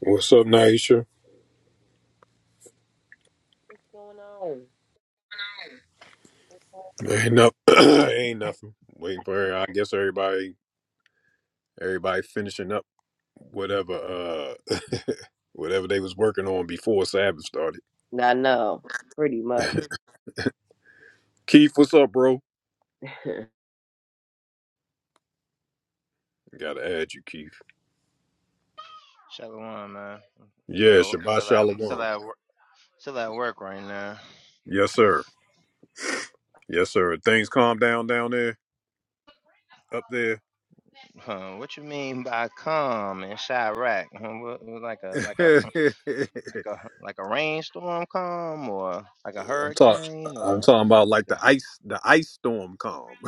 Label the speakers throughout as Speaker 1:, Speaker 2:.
Speaker 1: What's up, Naisha?
Speaker 2: What's going on?
Speaker 1: Ain't no, ain't nothing. Waiting for her. I guess everybody, everybody finishing up whatever, uh, whatever they was working on before Sabbath started.
Speaker 2: I know, pretty much.
Speaker 1: Keith, what's up, bro?
Speaker 2: my
Speaker 1: Gotta add you, Keith.
Speaker 3: Shalom, man.
Speaker 1: Yeah,
Speaker 3: Still,
Speaker 1: Shabbat
Speaker 3: still at, still
Speaker 1: Shalom.
Speaker 3: at, wor- still at work right now.
Speaker 1: Yes, sir. Yes, sir. Things calm down down there, up there.
Speaker 3: Huh, what you mean by calm in Chirac? Huh, what, what, like a, like a, like a, like a rainstorm calm, or like a
Speaker 1: I'm talking.
Speaker 3: hurricane,
Speaker 1: I'm
Speaker 3: or
Speaker 1: talking about like
Speaker 3: like
Speaker 1: the
Speaker 3: a?
Speaker 1: ice, the ice storm calm.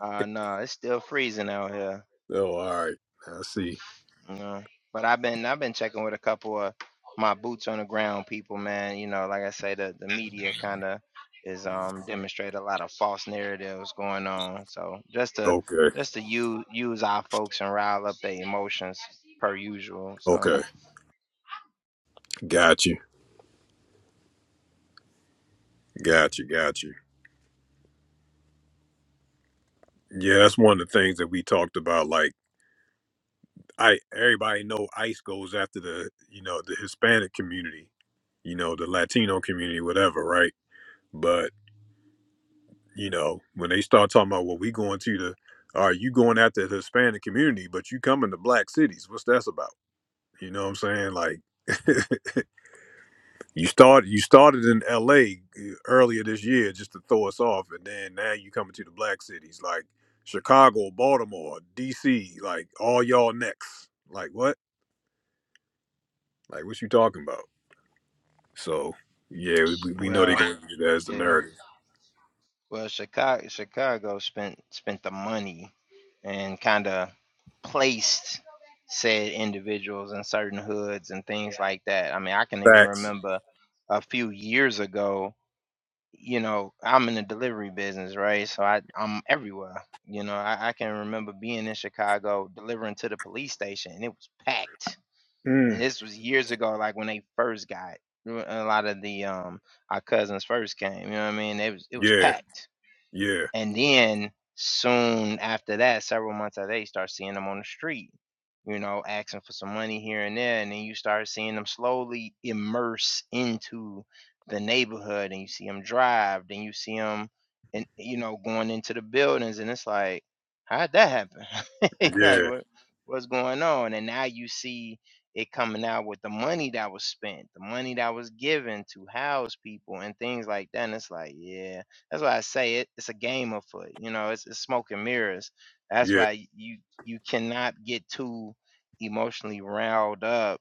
Speaker 3: Ah, nah, it's still freezing out here.
Speaker 1: Oh, all right. I see.
Speaker 3: Uh, but I've been I've been checking with a couple of my boots on the ground people, man. You know, like I say, the the media kind of is um demonstrate a lot of false narratives going on. So just to
Speaker 1: Okay.
Speaker 3: just to use use our folks and rile up their emotions per usual. So
Speaker 1: Okay. Got you. Got you. Got you. Yeah, that's one of the things that we talked about. Like, I everybody know ICE goes after the you know the Hispanic community, you know the Latino community, whatever, right? But you know when they start talking about well, we going to the, are you going after the Hispanic community, but you coming to black cities? What's that's about? You know what I'm saying? Like, You started you started in L.A. earlier this year just to throw us off, and then now you coming to the black cities like Chicago, Baltimore, D.C. Like all y'all next. Like what? Like what you talking about? So yeah, we, we know they're
Speaker 3: well,
Speaker 1: going to use that as the
Speaker 3: yeah.
Speaker 1: narrative.
Speaker 3: Well, Chicago, Chicago spent spent the money and kind of placed said individuals in certain hoods and things like that. I mean, I can even
Speaker 1: Facts.
Speaker 3: remember a few years ago. You know, I'm in the delivery business, right? So I I'm everywhere. You know, I, I can remember being in Chicago delivering to the police station, and it was packed. And
Speaker 1: Mm.
Speaker 3: this was years ago, like when they first got uh, a lot of the um our cousins first came. You know what I mean? It was it was
Speaker 1: Yeah,
Speaker 3: packed
Speaker 1: yeah,
Speaker 3: and then soon after that, several months after that, you start seeing them on the street, you know, asking for some money here and there. And then you start seeing them slowly immerse into the neighborhood and you see them drive, then you see them, and, you know, going into the buildings. And it's like, how'd that happen? like,
Speaker 1: yeah,
Speaker 3: what, what's going on? And now you see it coming out with the money that was spent, the money that was given to house people and things like that. And it's like, yeah that's why I say it. It's a game of foot. You know, it's, it's smoke and mirrors. That's
Speaker 1: yeah,
Speaker 3: why you you cannot get too emotionally riled up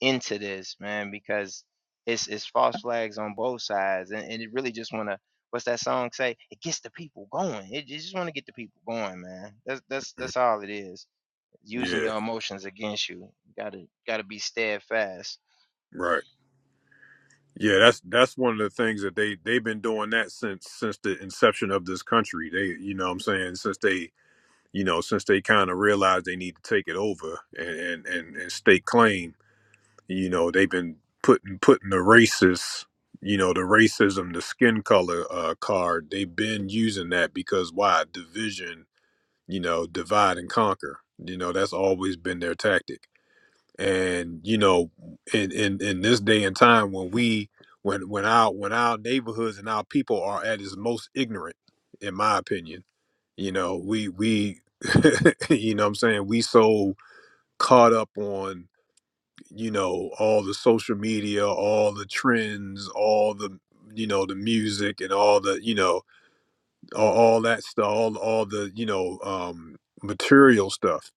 Speaker 3: into this, man, because it's it's false flags on both sides, and, and it really just want to. What's that song say? It gets the people going. It, it just want to get the people going, man. That's that's
Speaker 1: mm,
Speaker 3: that's all it is. Using
Speaker 1: yeah.
Speaker 3: your emotions against You gotta gotta be steadfast
Speaker 1: Right. Yeah, that's that's one of the things that they they've been doing that since since the inception of this country. They, you know, what I'm saying since they you know, since they kind of realized they need to take it over and, and, and, and stake claim, you know, they've been putting putting the racist, you know, the racism, the skin color uh, card. They've been using that because why division, you know, divide and conquer. You know, that's always been their tactic. And you know, in in, in this day and time when we when when our when our neighborhoods and our people are at its most ignorant, in my opinion you know we we you know what i'm saying we so caught up on you know all the social media all the trends all the you know the music and all the you know all, all that stuff all, all the you know um material stuff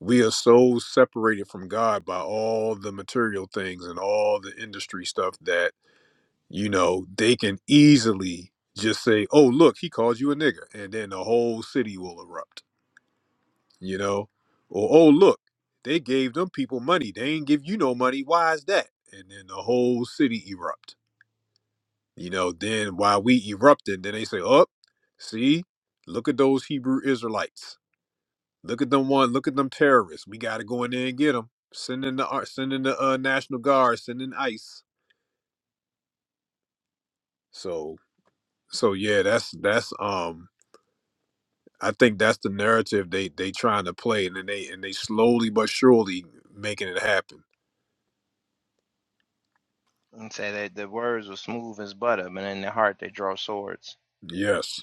Speaker 1: we are so separated from god by all the material things and all the industry stuff that you know they can easily just say oh look he called you a nigger and then the whole city will erupt you know or oh look they gave them people money they ain't give you no money why is that and then the whole city erupt you know then while we erupted then they say oh see look at those hebrew israelites look at them one look at them terrorists we got to go in there and get them send in the ar- send in the uh, national guard send in ice so so yeah that's that's um i think that's the narrative they they trying to play and then they and they slowly but surely making it happen
Speaker 3: and say that the words were smooth as butter, but in the heart they draw swords.
Speaker 1: yes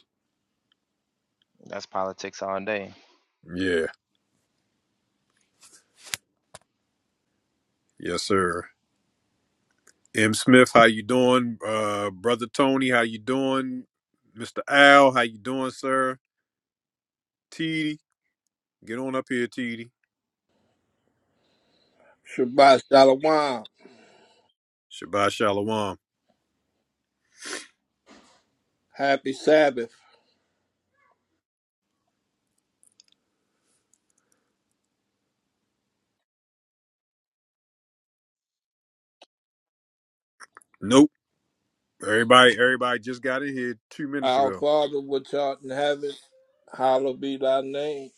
Speaker 3: That's politics all day.
Speaker 1: Yeah. Yes, sir. M. Smith, how you doing? Uh, brother Tony, how you doing? Mr. Al, how you doing, sir? TD, get on up here, TD.
Speaker 4: Shabbat Shalom.
Speaker 1: Shabbat Shalom.
Speaker 4: Happy Sabbath.
Speaker 1: Nope. Everybody, everybody just got in here two minutes
Speaker 4: Our
Speaker 1: ago.
Speaker 4: Father which art in heaven, hallowed be thy name.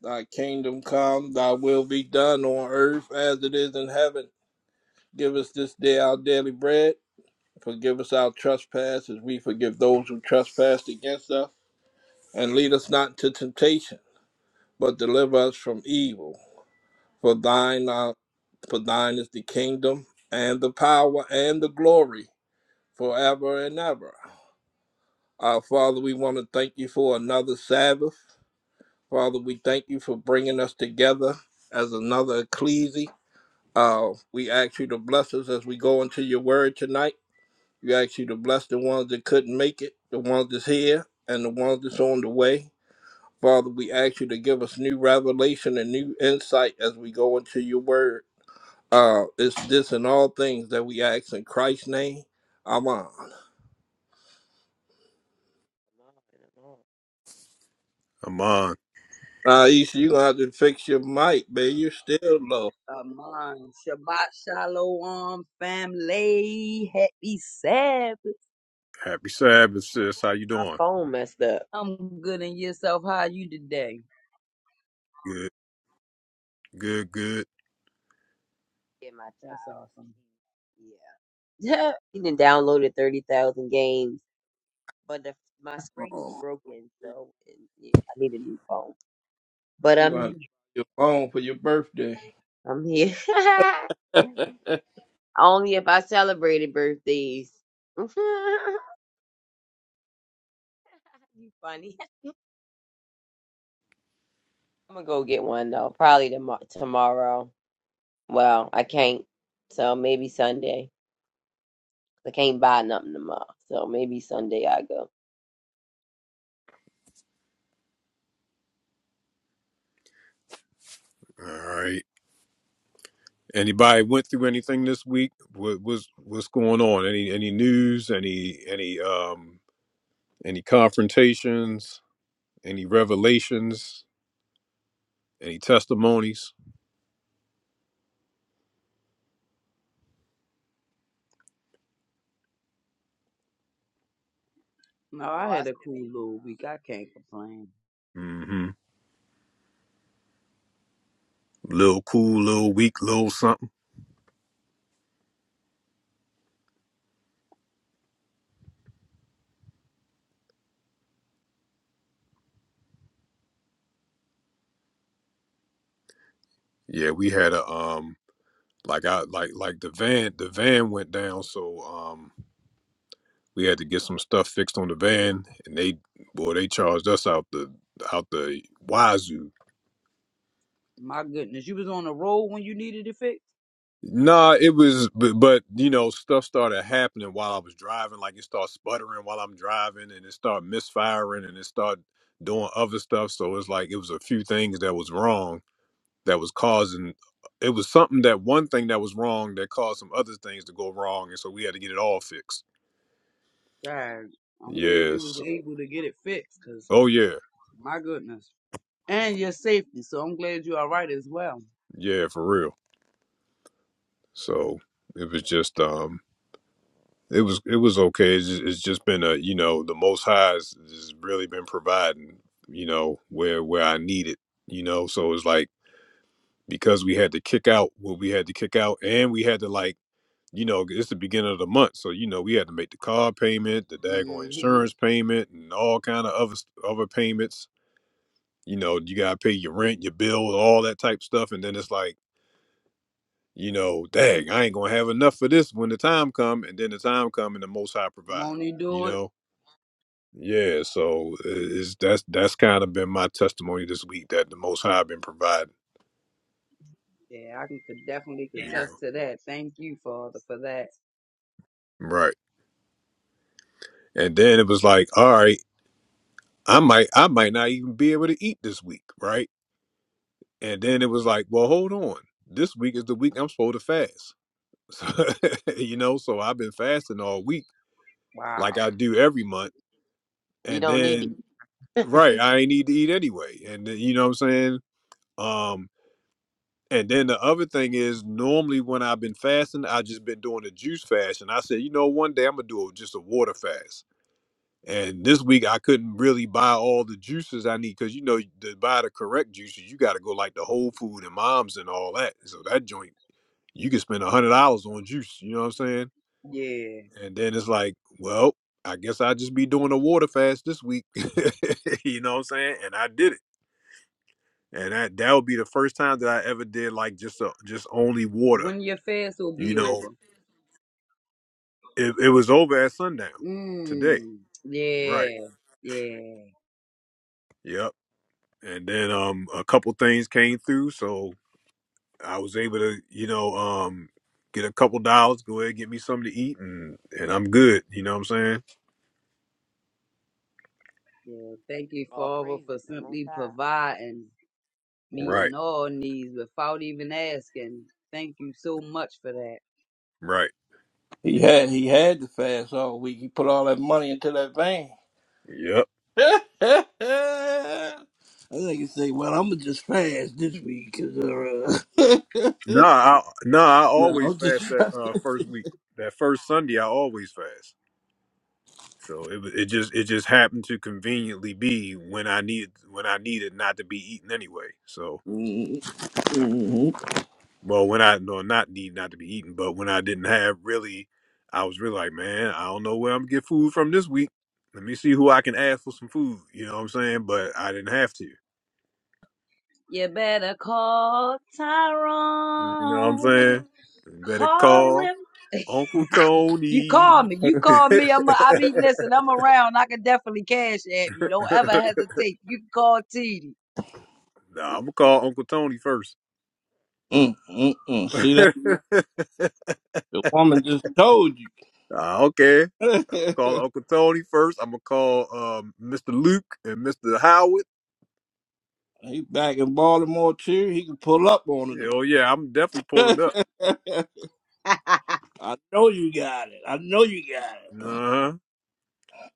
Speaker 4: Thy kingdom come, thy will be done on earth as it is in heaven. Give us this day our daily bread. Forgive us our trespasses, as we forgive those who trespass against us. And lead us not into temptation, but deliver us from evil. For thine, are, for thine is the kingdom, and the power, and the glory, forever and ever. Uh, Father, we want to thank you for another Sabbath. Father, we thank you for bringing us together as another ecclesia. Uh, we ask you to bless us as we go into your word tonight. We ask you to bless the ones that couldn't make it, the ones that's here, and the ones that's on the way. Father, we ask you to give us new revelation and new insight as we go into your word. Uh, it's this and all things that we ask in Christ's name. Amen.
Speaker 1: Amon,
Speaker 4: Uh, Isha, you gonna have to fix your mic, man. You're still low.
Speaker 5: Aman. Shabbat Shalom, family. Happy Sabbath.
Speaker 1: happy Sabbath, sis. How you doing?
Speaker 2: phone messed up.
Speaker 5: I'm good in yourself. How are you today?
Speaker 1: Good, good, good.
Speaker 2: Yeah, my child.
Speaker 5: That's awesome.
Speaker 2: she- Yeah. he done downloaded 30,000 games, but the, my screen is
Speaker 4: Oh,
Speaker 2: broken, so and, yeah, I need a new phone. But
Speaker 4: we're
Speaker 2: I'm
Speaker 4: gonna
Speaker 2: here.
Speaker 4: have to buy you a phone for your birthday.
Speaker 2: I'm here. Only if I celebrated birthdays. you funny. I'm gonna go get one though, probably tomorrow. tomorrow. Well, I can't, so maybe Sunday. I can't buy nothing tomorrow, so maybe Sunday I go.
Speaker 1: All right. Anybody went through anything this week? What was what's going on? Any any news? Any any um any confrontations? Any revelations? Any testimonies?
Speaker 5: No, I
Speaker 2: Oh, I
Speaker 5: had a
Speaker 2: still.
Speaker 5: cool little
Speaker 2: Uh,
Speaker 5: week. I can't complain.
Speaker 1: Mm-hmm. Little cool, little weak, little something. Yeah, we had a um like I like like the van the van went down, so um we had to get some stuff fixed on the van and they boy they charged us out the out the wazoo.
Speaker 5: My goodness, you was on the road when you needed it fixed?
Speaker 1: Nah, it was but, but you know, stuff started happening while I was driving, like it started sputtering while I'm driving and it started misfiring and it started doing other stuff. So it's like it was a few things that was wrong that was causing it was something that one thing that was wrong that caused some other things to go wrong and so we had to get it all fixed
Speaker 5: Dang. I'm glad you
Speaker 1: yes
Speaker 5: was able to get it fixed, cause
Speaker 1: oh yeah
Speaker 5: my goodness. And your safety, so I'm glad you're all right as well.
Speaker 1: yeah for real so it was just um it was it was okay it's just, it's just been a you know the most high has has really been providing you know where where i need it you know so it's like because we had to kick out what we had to kick out and we had to like you know, it's the beginning of the month, so you know we had to make the car payment, the daggone
Speaker 5: Mm-hmm.
Speaker 1: insurance payment, and all kind of other other payments. You know, you gotta pay your rent, your bill, all that type stuff, and then it's like, you know, dang, I ain't gonna have enough for this when the time come, and then the time come and the Most High provide.
Speaker 5: Won't you
Speaker 1: You
Speaker 5: do it?
Speaker 1: know, yeah. So i- it's that's that's kind of been my testimony this week that the Most High been providing.
Speaker 5: Yeah, I can could definitely
Speaker 1: You Yeah. know,
Speaker 5: contest to that. Thank you, Father, for that.
Speaker 1: right. And then it was like, all right, I might I might not even be able to eat this week, right? And then it was like, well, hold on. This week is the week I'm supposed to fast. So, you know, so I've been fasting all week, like
Speaker 5: Wow.
Speaker 1: I do every
Speaker 2: need
Speaker 1: month.
Speaker 2: these. you
Speaker 1: And
Speaker 2: don't need it.
Speaker 1: then, right, I ain't need to eat anyway. And then, you know what I'm saying? Um, and then the other thing is, normally when I've been fasting, I just been doing a juice fast. And I said, you know, one day I'm gonna do a, just a water fast. And this week I couldn't really buy all the juices I need because you know to buy the correct juices, you got to go like the Whole Food and Moms and all that. So that joint you can spend a hundred dollars on juice. You know what I'm saying?
Speaker 5: Yeah.
Speaker 1: And then it's like, well, I guess I just be doing a water fast this week. you know what I'm saying? And I did it, and that that would be the first time that I ever did like just a, just only water.
Speaker 5: When your fast will
Speaker 1: You
Speaker 5: be
Speaker 1: know,
Speaker 5: over.
Speaker 1: it, it was over at sundown today,
Speaker 5: Mm.
Speaker 1: right?
Speaker 5: Yeah. Yeah.
Speaker 1: Yep. And then um a couple things came through, so I was able to you know um get a couple dollars, go ahead and get me something to eat, and and I'm good. You know what I'm saying?
Speaker 5: Yeah. Thank you,
Speaker 2: All
Speaker 5: Father,
Speaker 2: praises
Speaker 5: for
Speaker 2: to the Most
Speaker 5: simply
Speaker 2: High.
Speaker 5: providing
Speaker 1: Right.
Speaker 5: meeting all needs without even asking. Thank you so much for that.
Speaker 1: Right.
Speaker 4: He had he had to fast all week. He put all that money into that van.
Speaker 1: Yep.
Speaker 4: I think he say, "Well, I'm gonna just fast this week 'cause, uh,
Speaker 1: No, I, no, I
Speaker 4: no,
Speaker 1: always
Speaker 4: I'm just
Speaker 1: fast that
Speaker 4: fasting."
Speaker 1: uh, first week, that first Sunday.
Speaker 2: huh?
Speaker 1: I always fast. So it wa- it just it just happened to conveniently be when I need when I needed not to be eaten anyway. So
Speaker 4: Mm, mm, mm,
Speaker 1: well, when I no not need not to be eaten, but when I didn't have really, I was really like, man, I don't know where I'm gonna get food from this week. Let me see who I can ask for some food. You know what I'm saying? But I didn't have to.
Speaker 5: You better call
Speaker 1: You know what I'm
Speaker 5: Tyrone.
Speaker 1: saying? Better
Speaker 5: Call
Speaker 1: call
Speaker 5: him.
Speaker 1: Uncle
Speaker 5: You
Speaker 1: Tony.
Speaker 5: call me. You
Speaker 4: mm,
Speaker 5: call me. I'm. A, I be. Listen. I'm around. I can definitely cash app you. Don't ever hesitate. You can call T D.
Speaker 1: Nah, I'm gonna call Uncle Tony first.
Speaker 4: mm. mm. See that the woman just told you.
Speaker 1: Nah, okay, call Uncle Tony first. I'm gonna call um, Mr. Luke and Mr. Howard.
Speaker 4: He back in Baltimore too. He can pull up on it.
Speaker 1: Oh yeah, I'm definitely pulling up.
Speaker 4: I know you got it. I know you got
Speaker 1: Uh huh.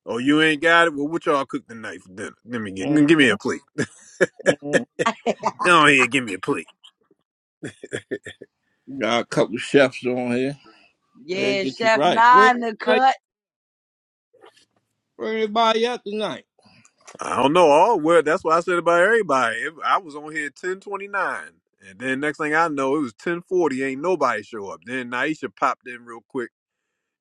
Speaker 1: Oh, you ain't got it. Well, what y'all cook tonight for dinner? Let me get,
Speaker 4: it.
Speaker 1: give me a plate.
Speaker 4: Mm-hmm.
Speaker 1: Go ahead, give me a plate.
Speaker 4: Got a couple chefs on here. They'll
Speaker 5: Yeah,
Speaker 4: get you
Speaker 5: Chef
Speaker 4: right. Where
Speaker 5: Nine the
Speaker 4: everybody
Speaker 5: cut.
Speaker 4: where everybody at tonight?
Speaker 1: I don't know. Oh well, that's what I said about everybody. If- I was on here ten twenty nine, and then next thing I know, it was ten forty. Ain't nobody show up. Then Naisha popped in real quick,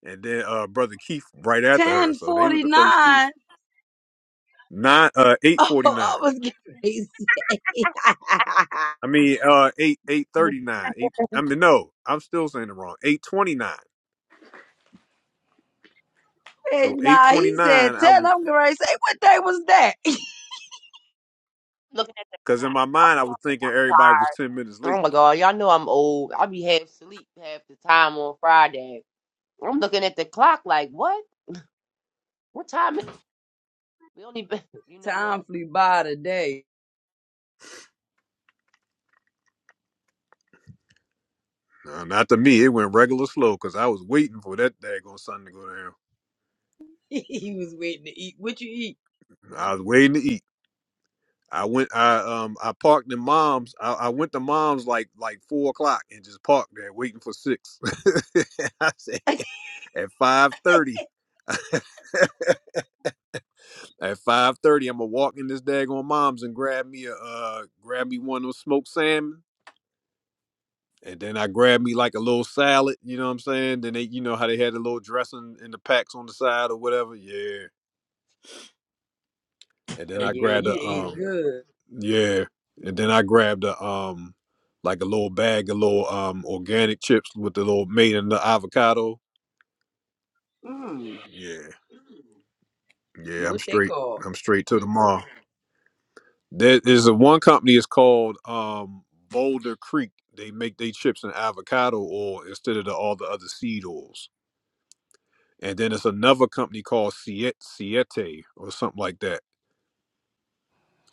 Speaker 1: and then uh brother Keith right after her. So they was the first two.
Speaker 5: 1049.
Speaker 1: nine uh eight forty
Speaker 5: Oh,
Speaker 1: nine.
Speaker 5: I was getting ready to say.
Speaker 1: I mean uh eight eight
Speaker 2: Yeah.
Speaker 1: thirty nine. Eight I mean no, I'm still saying it wrong. Eight twenty nine. So
Speaker 5: And
Speaker 1: eight
Speaker 5: nah,
Speaker 1: twenty
Speaker 5: he said
Speaker 1: nine I
Speaker 5: 10.
Speaker 1: was
Speaker 5: I'm getting ready to say, what day was that?
Speaker 2: Looking at the
Speaker 1: because in
Speaker 2: clock.
Speaker 1: my
Speaker 2: I'm
Speaker 1: mind I
Speaker 2: like,
Speaker 1: was thinking everybody was ten minutes
Speaker 2: Oh
Speaker 1: late.
Speaker 2: my God, y'all know I'm old. I be half asleep half the time on Friday. I'm looking at the clock like, what? What time is it? We only been, you know
Speaker 5: Time
Speaker 2: what?
Speaker 5: flew by today.
Speaker 1: No, not to me. It went regular slow because I was waiting for that daggone sun to go down.
Speaker 5: he was waiting to eat. What you eat?
Speaker 1: I was waiting to eat. I went I um I parked in mom's I, I went to mom's like like four o'clock and just parked there waiting for six. I said at five thirty At five thirty, I'm gonna walk in this daggone mom's and grab me a uh, grab me one of those smoked salmon, and then I grab me like a little salad. You know what I'm saying? Then they, you know how they had the little dressing in the packs on the side or whatever. Yeah. And then
Speaker 5: Oh,
Speaker 1: I
Speaker 5: yeah,
Speaker 1: grabbed
Speaker 5: you
Speaker 1: a
Speaker 5: ate
Speaker 1: um,
Speaker 5: good.
Speaker 1: yeah. And then I grabbed a um, like a little bag of little um organic chips with the little made in the avocado.
Speaker 5: Hmm.
Speaker 1: Yeah. Yeah. I'm
Speaker 5: What they
Speaker 1: straight.
Speaker 5: call?
Speaker 1: I'm straight to the mall. There is a one company is called um, Boulder Creek. They make their chips in avocado oil instead of the, all the other seed oils. And then it's another company called Siete, Siete or something like that.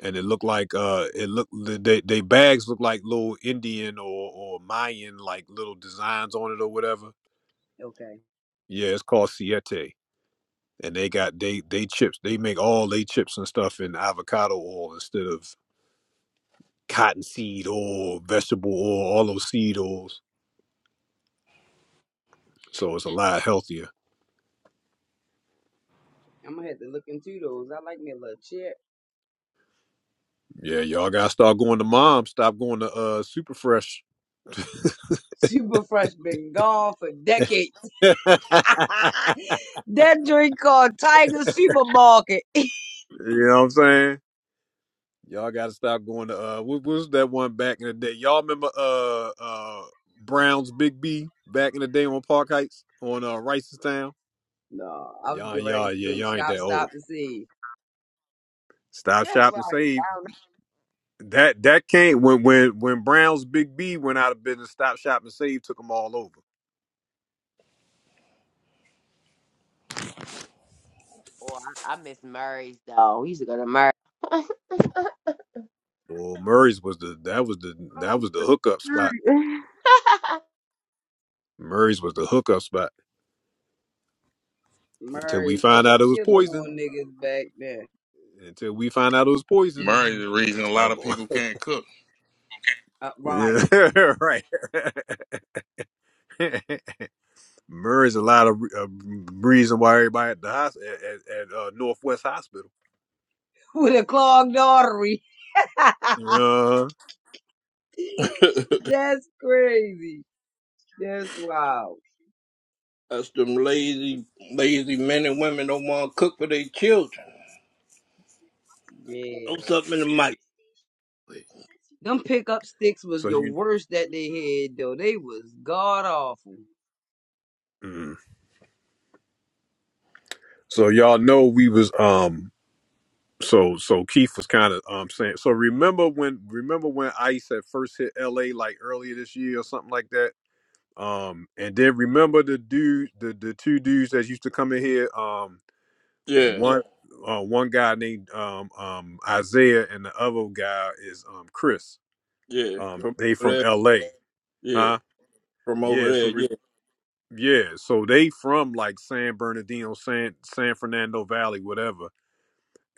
Speaker 1: And it looked like uh, it looked they they bags look like little Indian or or Mayan like little designs on it or whatever.
Speaker 5: Okay.
Speaker 1: Yeah, it's called Siete. And they got they they chips. They make all they chips and stuff in avocado oil instead of cottonseed oil, vegetable oil, all those seed oils So it's a lot healthier.
Speaker 5: I'm going to have to look into those. I like me a little chip.
Speaker 1: Yeah, y'all gotta start going to mom. Stop going to uh super fresh.
Speaker 5: Super Fresh been gone for decades.
Speaker 1: you know
Speaker 5: that drink called Tiger Supermarket.
Speaker 1: what I'm saying? Y'all gotta stop going to uh what, what was that one back in the day? Y'all remember uh uh Brown's Big B back in the day on Park Heights on uh Rice's Town?
Speaker 5: No, I was
Speaker 1: Y'all
Speaker 5: getting ready
Speaker 1: y'all
Speaker 5: to
Speaker 1: yeah,
Speaker 5: say
Speaker 1: y'all ain't
Speaker 5: shop,
Speaker 1: that old.
Speaker 5: stop, and see.
Speaker 1: Stop
Speaker 2: Yeah,
Speaker 1: shop
Speaker 2: like,
Speaker 1: and
Speaker 2: I
Speaker 1: save.
Speaker 2: don't know.
Speaker 1: That that came when when when Brown's Big B went out of business, Stop Shop and Save took them all over.
Speaker 2: Oh, I, I miss Murray's though. We used to go to Murray. Murray.
Speaker 1: Well, Murray's was the that was the that was the hookup spot. Murray's was the hookup spot until we
Speaker 5: Murray's put
Speaker 1: find
Speaker 5: a
Speaker 1: out it was
Speaker 5: killing on
Speaker 1: poison.
Speaker 5: niggas back then.
Speaker 1: Until we find out it was
Speaker 6: Murray's
Speaker 1: poison,
Speaker 6: the
Speaker 1: then
Speaker 6: reason
Speaker 1: I
Speaker 6: a lot
Speaker 1: stopped
Speaker 6: of
Speaker 1: going.
Speaker 6: people can't cook.
Speaker 5: Uh, right.
Speaker 1: yeah, right. Murray's a lot of re- uh, reason why everybody at the hos- at, at, at uh, Northwest Hospital.
Speaker 5: With a clogged artery.
Speaker 1: Uh,
Speaker 5: That's crazy. That's wild.
Speaker 4: That's them lazy, lazy men and women don't want to cook for their children.
Speaker 5: Yeah.
Speaker 4: Throw something in the microwave.
Speaker 5: Them pickup sticks was
Speaker 1: so
Speaker 5: the
Speaker 1: you,
Speaker 5: worst that they had, though. They was god awful.
Speaker 1: mm. so y'all know we was um. So so Keith was kind of um saying. So remember when remember when Ice had first hit L.A. like earlier this year or something like that Um, and then remember the dude, the the two dudes that used to come in here. Um,
Speaker 4: Yeah,
Speaker 1: one uh, one guy named um um Isaiah, and the other guy is um Chris.
Speaker 4: yeah.
Speaker 1: Um,
Speaker 4: From
Speaker 1: they
Speaker 4: over
Speaker 1: from
Speaker 4: there.
Speaker 1: L.A.
Speaker 4: Yeah.
Speaker 1: Huh?
Speaker 4: From over
Speaker 1: Yeah. So
Speaker 4: there,
Speaker 1: re-
Speaker 4: yeah.
Speaker 1: yeah. So they from like San Bernardino, San San Fernando Valley, whatever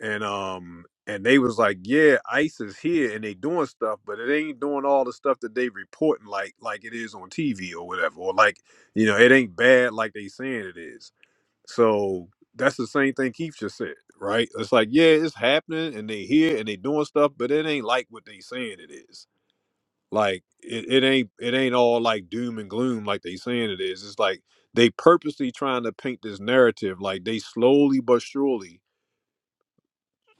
Speaker 1: and um and they was like yeah ice is here and they doing stuff but it ain't doing all the stuff that they reporting like like it is on tv or whatever or like you know it ain't bad like they saying it is so that's the same thing keith just said right it's like yeah it's happening and they here and they doing stuff but it ain't like what they saying it is like it, it ain't it ain't all like doom and gloom like they saying it is it's like they purposely trying to paint this narrative like they slowly but surely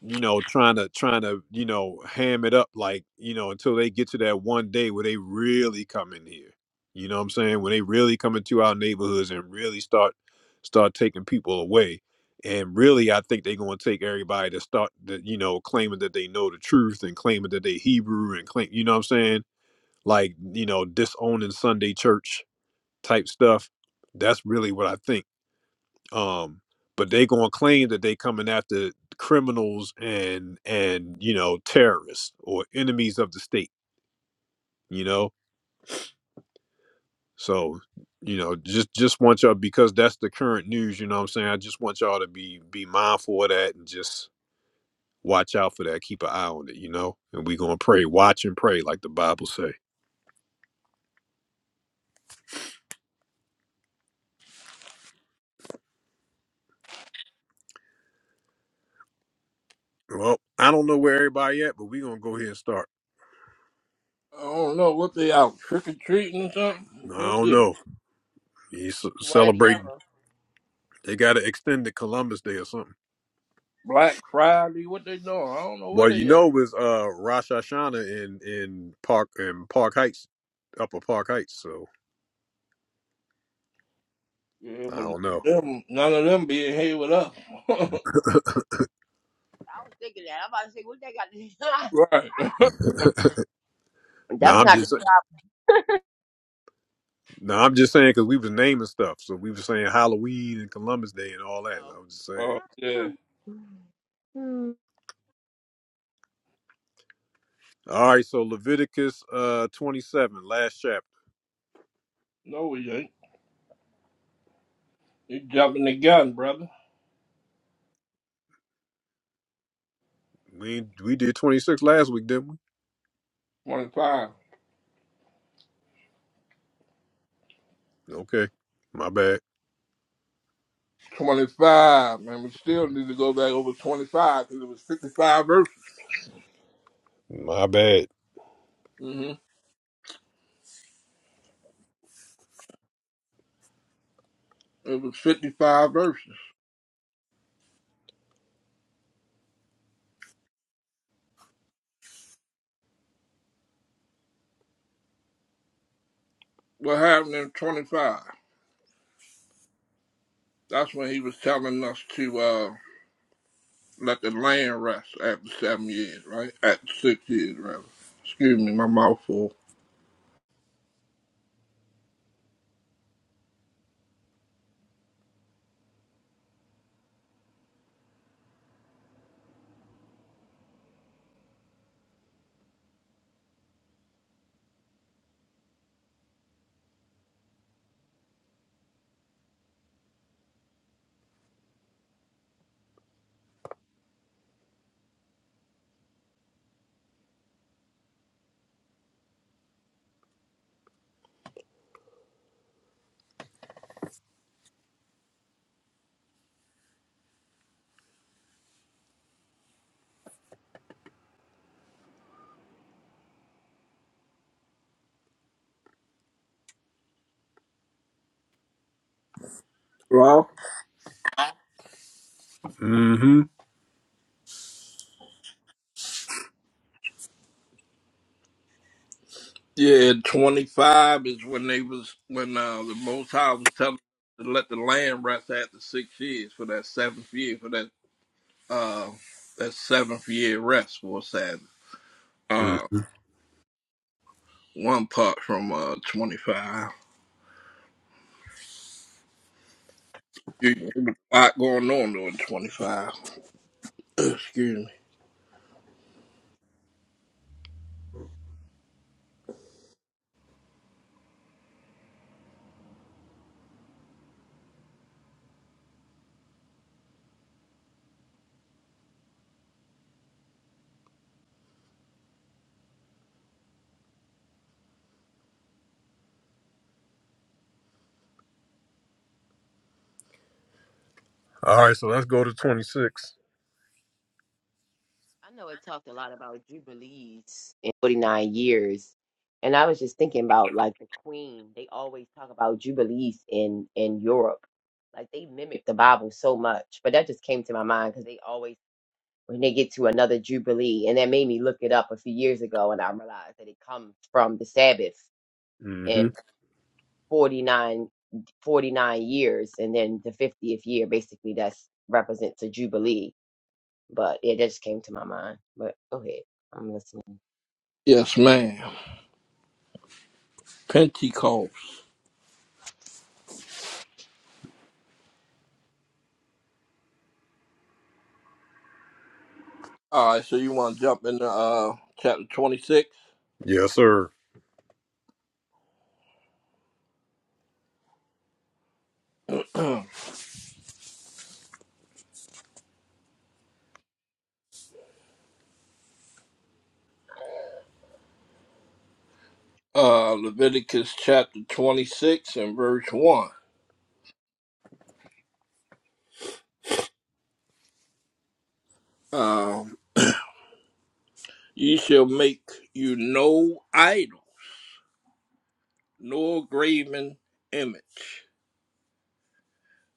Speaker 1: you know, trying to trying to you know ham it up like you know until they get to that one day where they really come in here. You know what I'm saying? When they really come into our neighborhoods and really start start taking people away, and really, I think they're going to take everybody to start, that you know, claiming that they know the truth and claiming that they Hebrew and claim, you know what I'm saying? Like you know, disowning Sunday church type stuff. That's really what I think um but they gonna claim that they coming after criminals and and you know terrorists or enemies of the state you know so you know just just want y'all because that's the current news you know what i'm saying i just want y'all to be be mindful of that and just watch out for that keep an eye on it you know and we gonna pray watch and pray like the bible say well i don't know where everybody at but we gonna go ahead and start
Speaker 4: I don't know what they out trick or treating or something.
Speaker 1: i
Speaker 4: What's
Speaker 1: don't
Speaker 4: this?
Speaker 1: know he's
Speaker 2: One or the
Speaker 1: celebrating
Speaker 2: other. I
Speaker 1: they gotta extend the columbus day or something
Speaker 4: Black Friday, what they doing? I don't know where
Speaker 1: Well, you
Speaker 4: they at.
Speaker 1: know, it was uh, Rosh Hashanah in in Park in Park Heights, Upper Park Heights. So
Speaker 4: Yeah,
Speaker 1: I
Speaker 4: but
Speaker 1: don't know.
Speaker 4: them, none of them being here with us.
Speaker 2: was thinking that. I'm about to say, what they got?
Speaker 4: right.
Speaker 1: No,
Speaker 2: That's
Speaker 1: I'm
Speaker 2: not the
Speaker 1: just no, I'm just saying because we was naming stuff. So we was saying Halloween and Columbus Day and all that. I was just saying.
Speaker 4: oh yeah.
Speaker 2: No. Mm.
Speaker 1: All right, so Leviticus uh 27, last chapter.
Speaker 4: No, we ain't. You're jumping the gun, brother.
Speaker 1: We we did 26 last week, didn't
Speaker 4: 25.
Speaker 1: we? Okay, my bad,
Speaker 4: 25, man. We still need to go back over 25 because it was 55 verses.
Speaker 1: my bad.
Speaker 4: hmm It was 55 verses. What happened in 25? That's when he was telling us to uh, let the land rest after seven years, right? After six years, rather. Excuse me, my mouth full. Well,
Speaker 1: Mm-hmm.
Speaker 4: yeah, 25 is when they was, when uh, the Most High was telling us to let the land rest after six years for that seventh year, for that uh that seventh year rest was that uh
Speaker 1: mm-hmm.
Speaker 4: one part from uh twenty five. You a lot going on during twenty five. Excuse me.
Speaker 1: All right, so let's go to 26.
Speaker 2: I know it talked a lot about jubilees in 49 years. And I was just thinking about like the Queen. They always talk about jubilees in in Europe. Like they mimic the Bible so much. But that just came to my mind because they always when they get to another jubilee, and that made me look it up a few years ago, and I realized that it comes from the Sabbath
Speaker 1: Mm-hmm.
Speaker 2: 49, 49 years, and then the fiftieth year basically that's represents a jubilee. But it just came to my mind. But go ahead, I'm listening.
Speaker 4: Yes, ma'am. Pentecost. All right, so you want to jump into uh chapter twenty six?
Speaker 1: Yes, sir.
Speaker 4: uh Leviticus chapter twenty six and verse one. Um, ye shall make you no idol, nor graven image,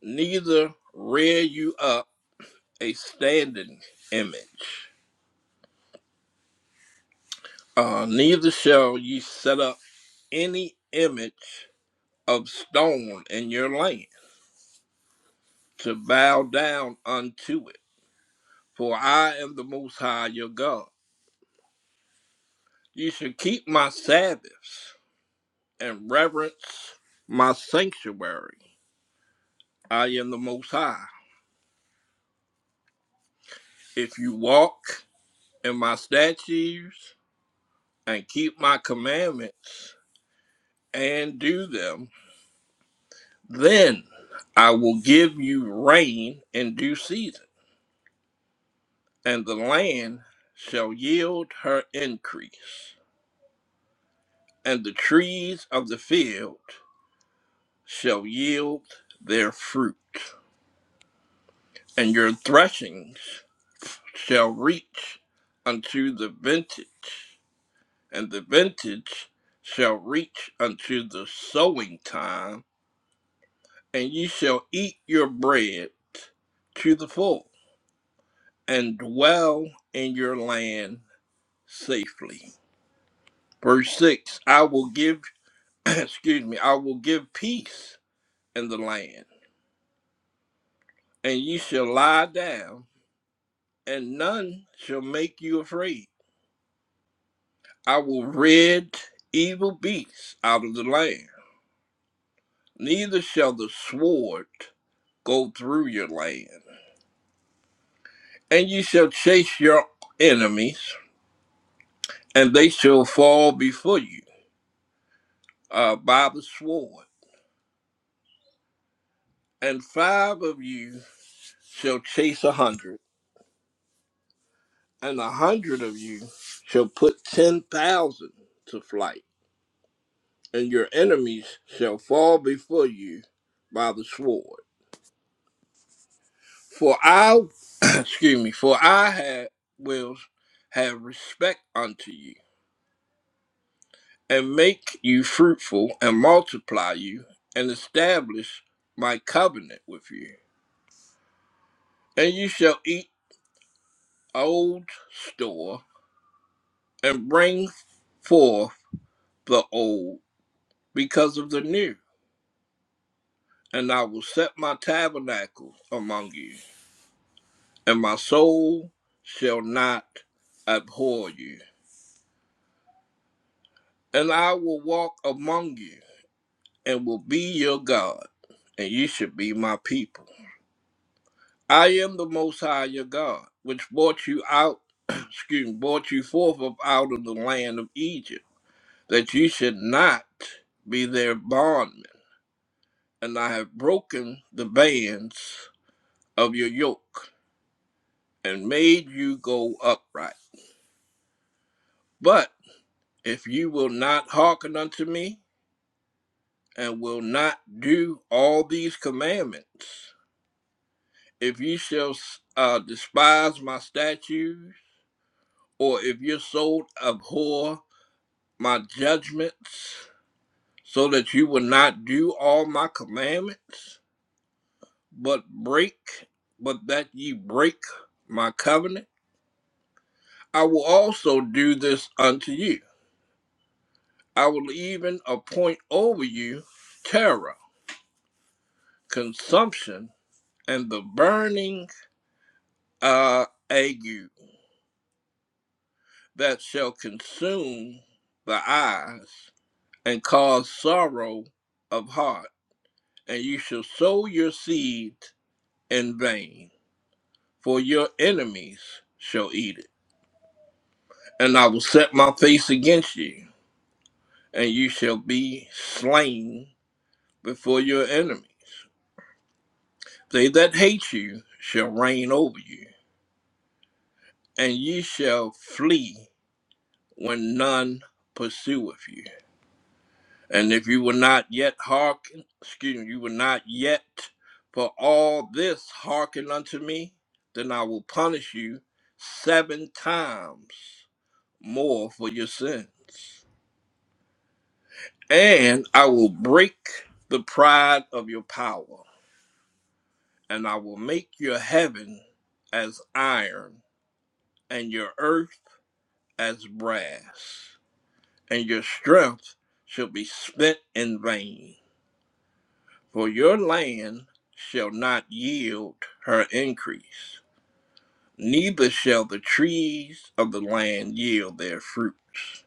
Speaker 4: neither rear you up. a standing image. Uh, neither shall ye set up any image of stone in your land to bow down unto it. For I am the Most High your God. You shall keep my Sabbaths and reverence my sanctuary. I am the Most High. If you walk in my statutes and keep my commandments and do them, Then I will give you rain in due season, and the land shall yield her increase, and the trees of the field shall yield their fruit, and your threshings shall reach unto the vintage, and the vintage shall reach unto the sowing time, and ye shall eat your bread to the full, and dwell in your land safely. Verse 6 I will give, excuse me, I will give peace in the land, and ye shall lie down, and none shall make you afraid. I will rid evil beasts out of the land, neither shall the sword go through your land. And ye shall chase your enemies, and they shall fall before you uh, by the sword. And five of you shall chase a hundred and a hundred of you shall put ten thousand to flight, and your enemies shall fall before you by the sword. For I, excuse me, for I have, will have respect unto you, and make you fruitful, and multiply you, and establish my covenant with you. And you shall eat old store, and bring forth the old because of the new and I will set my tabernacle among you, and my soul shall not abhor you. And I will walk among you, and will be your God, and you shall be my people. I am the Most High your God, which brought you out, excuse me, brought you forth of out of the land of Egypt, that you should not be their bondmen. And I have broken the bands of your yoke, and made you go upright. But If you will not hearken unto me, and will not do all these commandments, if you shall uh, despise my statutes, or if your soul abhor my judgments, so that you will not do all my commandments, but break, but that ye break my covenant, I will also do this unto you. I will even appoint over you terror, consumption, and the burning uh, ague that shall consume the eyes and cause sorrow of heart. And you shall sow your seed in vain, for your enemies shall eat it. And I will set my face against you, and you shall be slain before your enemies. They that hate you shall reign over you, and ye shall flee when none pursueth you And if you were not yet hearken, excuse me, you were not yet for all this hearken unto me, then I will punish you seven times more for your sins. And I will break the pride of your power, and I will make your heaven as iron, and your earth as brass, and your strength shall be spent in vain For your land shall not yield her increase, neither shall the trees of the land yield their fruits.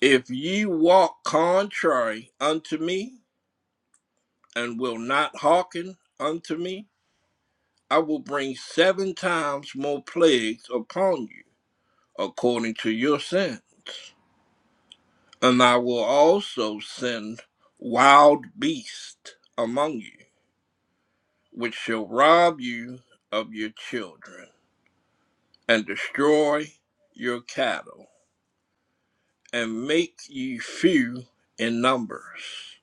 Speaker 4: If ye walk contrary unto me, and will not hearken unto me, I will bring seven times more plagues upon you, according to your sins. And I will also send wild beasts among you, which shall rob you of your children and destroy your cattle, and make ye few in numbers,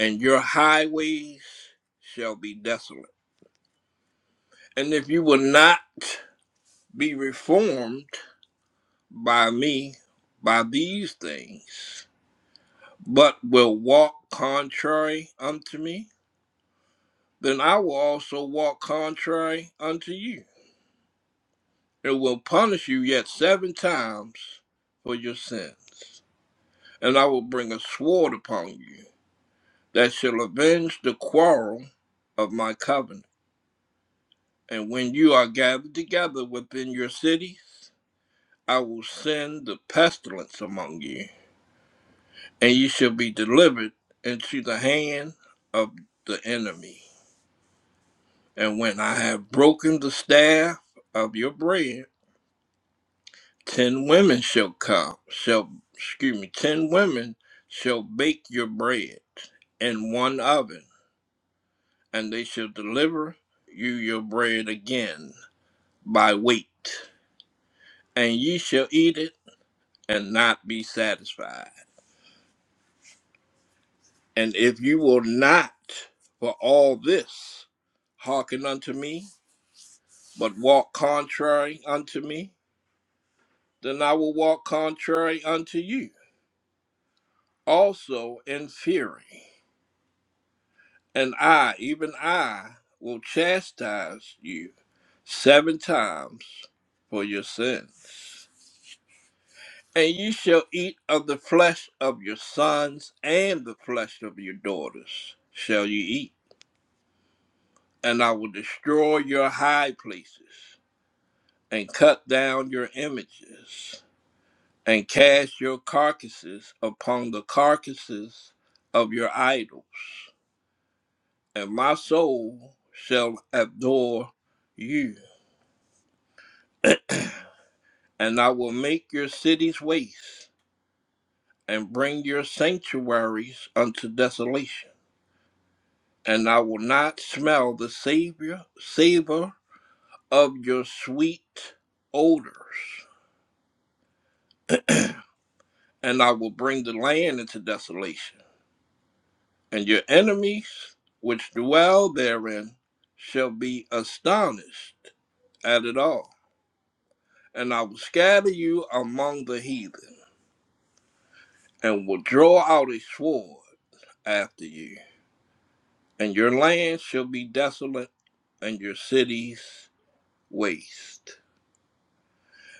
Speaker 4: and your highways shall be desolate. And if you will not be reformed by me by these things, but will walk contrary unto me, then I will also walk contrary unto you, and will punish you yet seven times for your sins. And I will bring a sword upon you that shall avenge the quarrel of my covenant. And when you are gathered together within your cities, I will send the pestilence among you, and you shall be delivered into the hand of the enemy. And when I have broken the staff of your bread, ten women shall come, shall excuse me, ten women shall bake your bread in one oven, and they shall deliver you your bread again by weight, and ye shall eat it and not be satisfied. And if you will not for all this hearken unto me, but walk contrary unto me, then I will walk contrary unto you, also in fury. And I, even I, will chastise you seven times for your sins. And you shall eat of the flesh of your sons and the flesh of your daughters shall you eat. And I will destroy your high places, and cut down your images, and cast your carcasses upon the carcasses of your idols. And my soul shall adore you. And I will make your cities waste, and bring your sanctuaries unto desolation and I will not smell the savior savor of your sweet odors, and I will bring the land into desolation, and your enemies which dwell therein shall be astonished at it all, and I will scatter you among the heathen, and will draw out a sword after you, and your land shall be desolate, and your cities waste.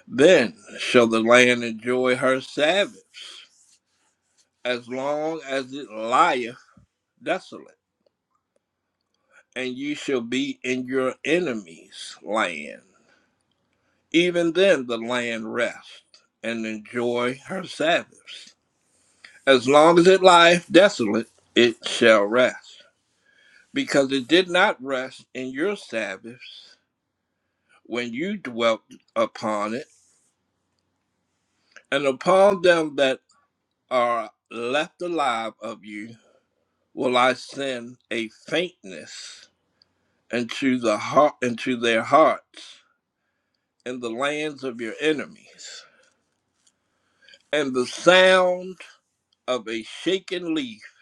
Speaker 4: Then shall the land enjoy her Sabbaths, as long as it lieth desolate, and ye shall be in your enemies' land. Even then the land rest and enjoy her Sabbaths. As long as it lieth desolate, it shall rest, because it did not rest in your Sabbaths when you dwelt upon it, and upon them that are left alive of you will I send a faintness into the heart into their hearts in the lands of your enemies, and the sound of a shaken leaf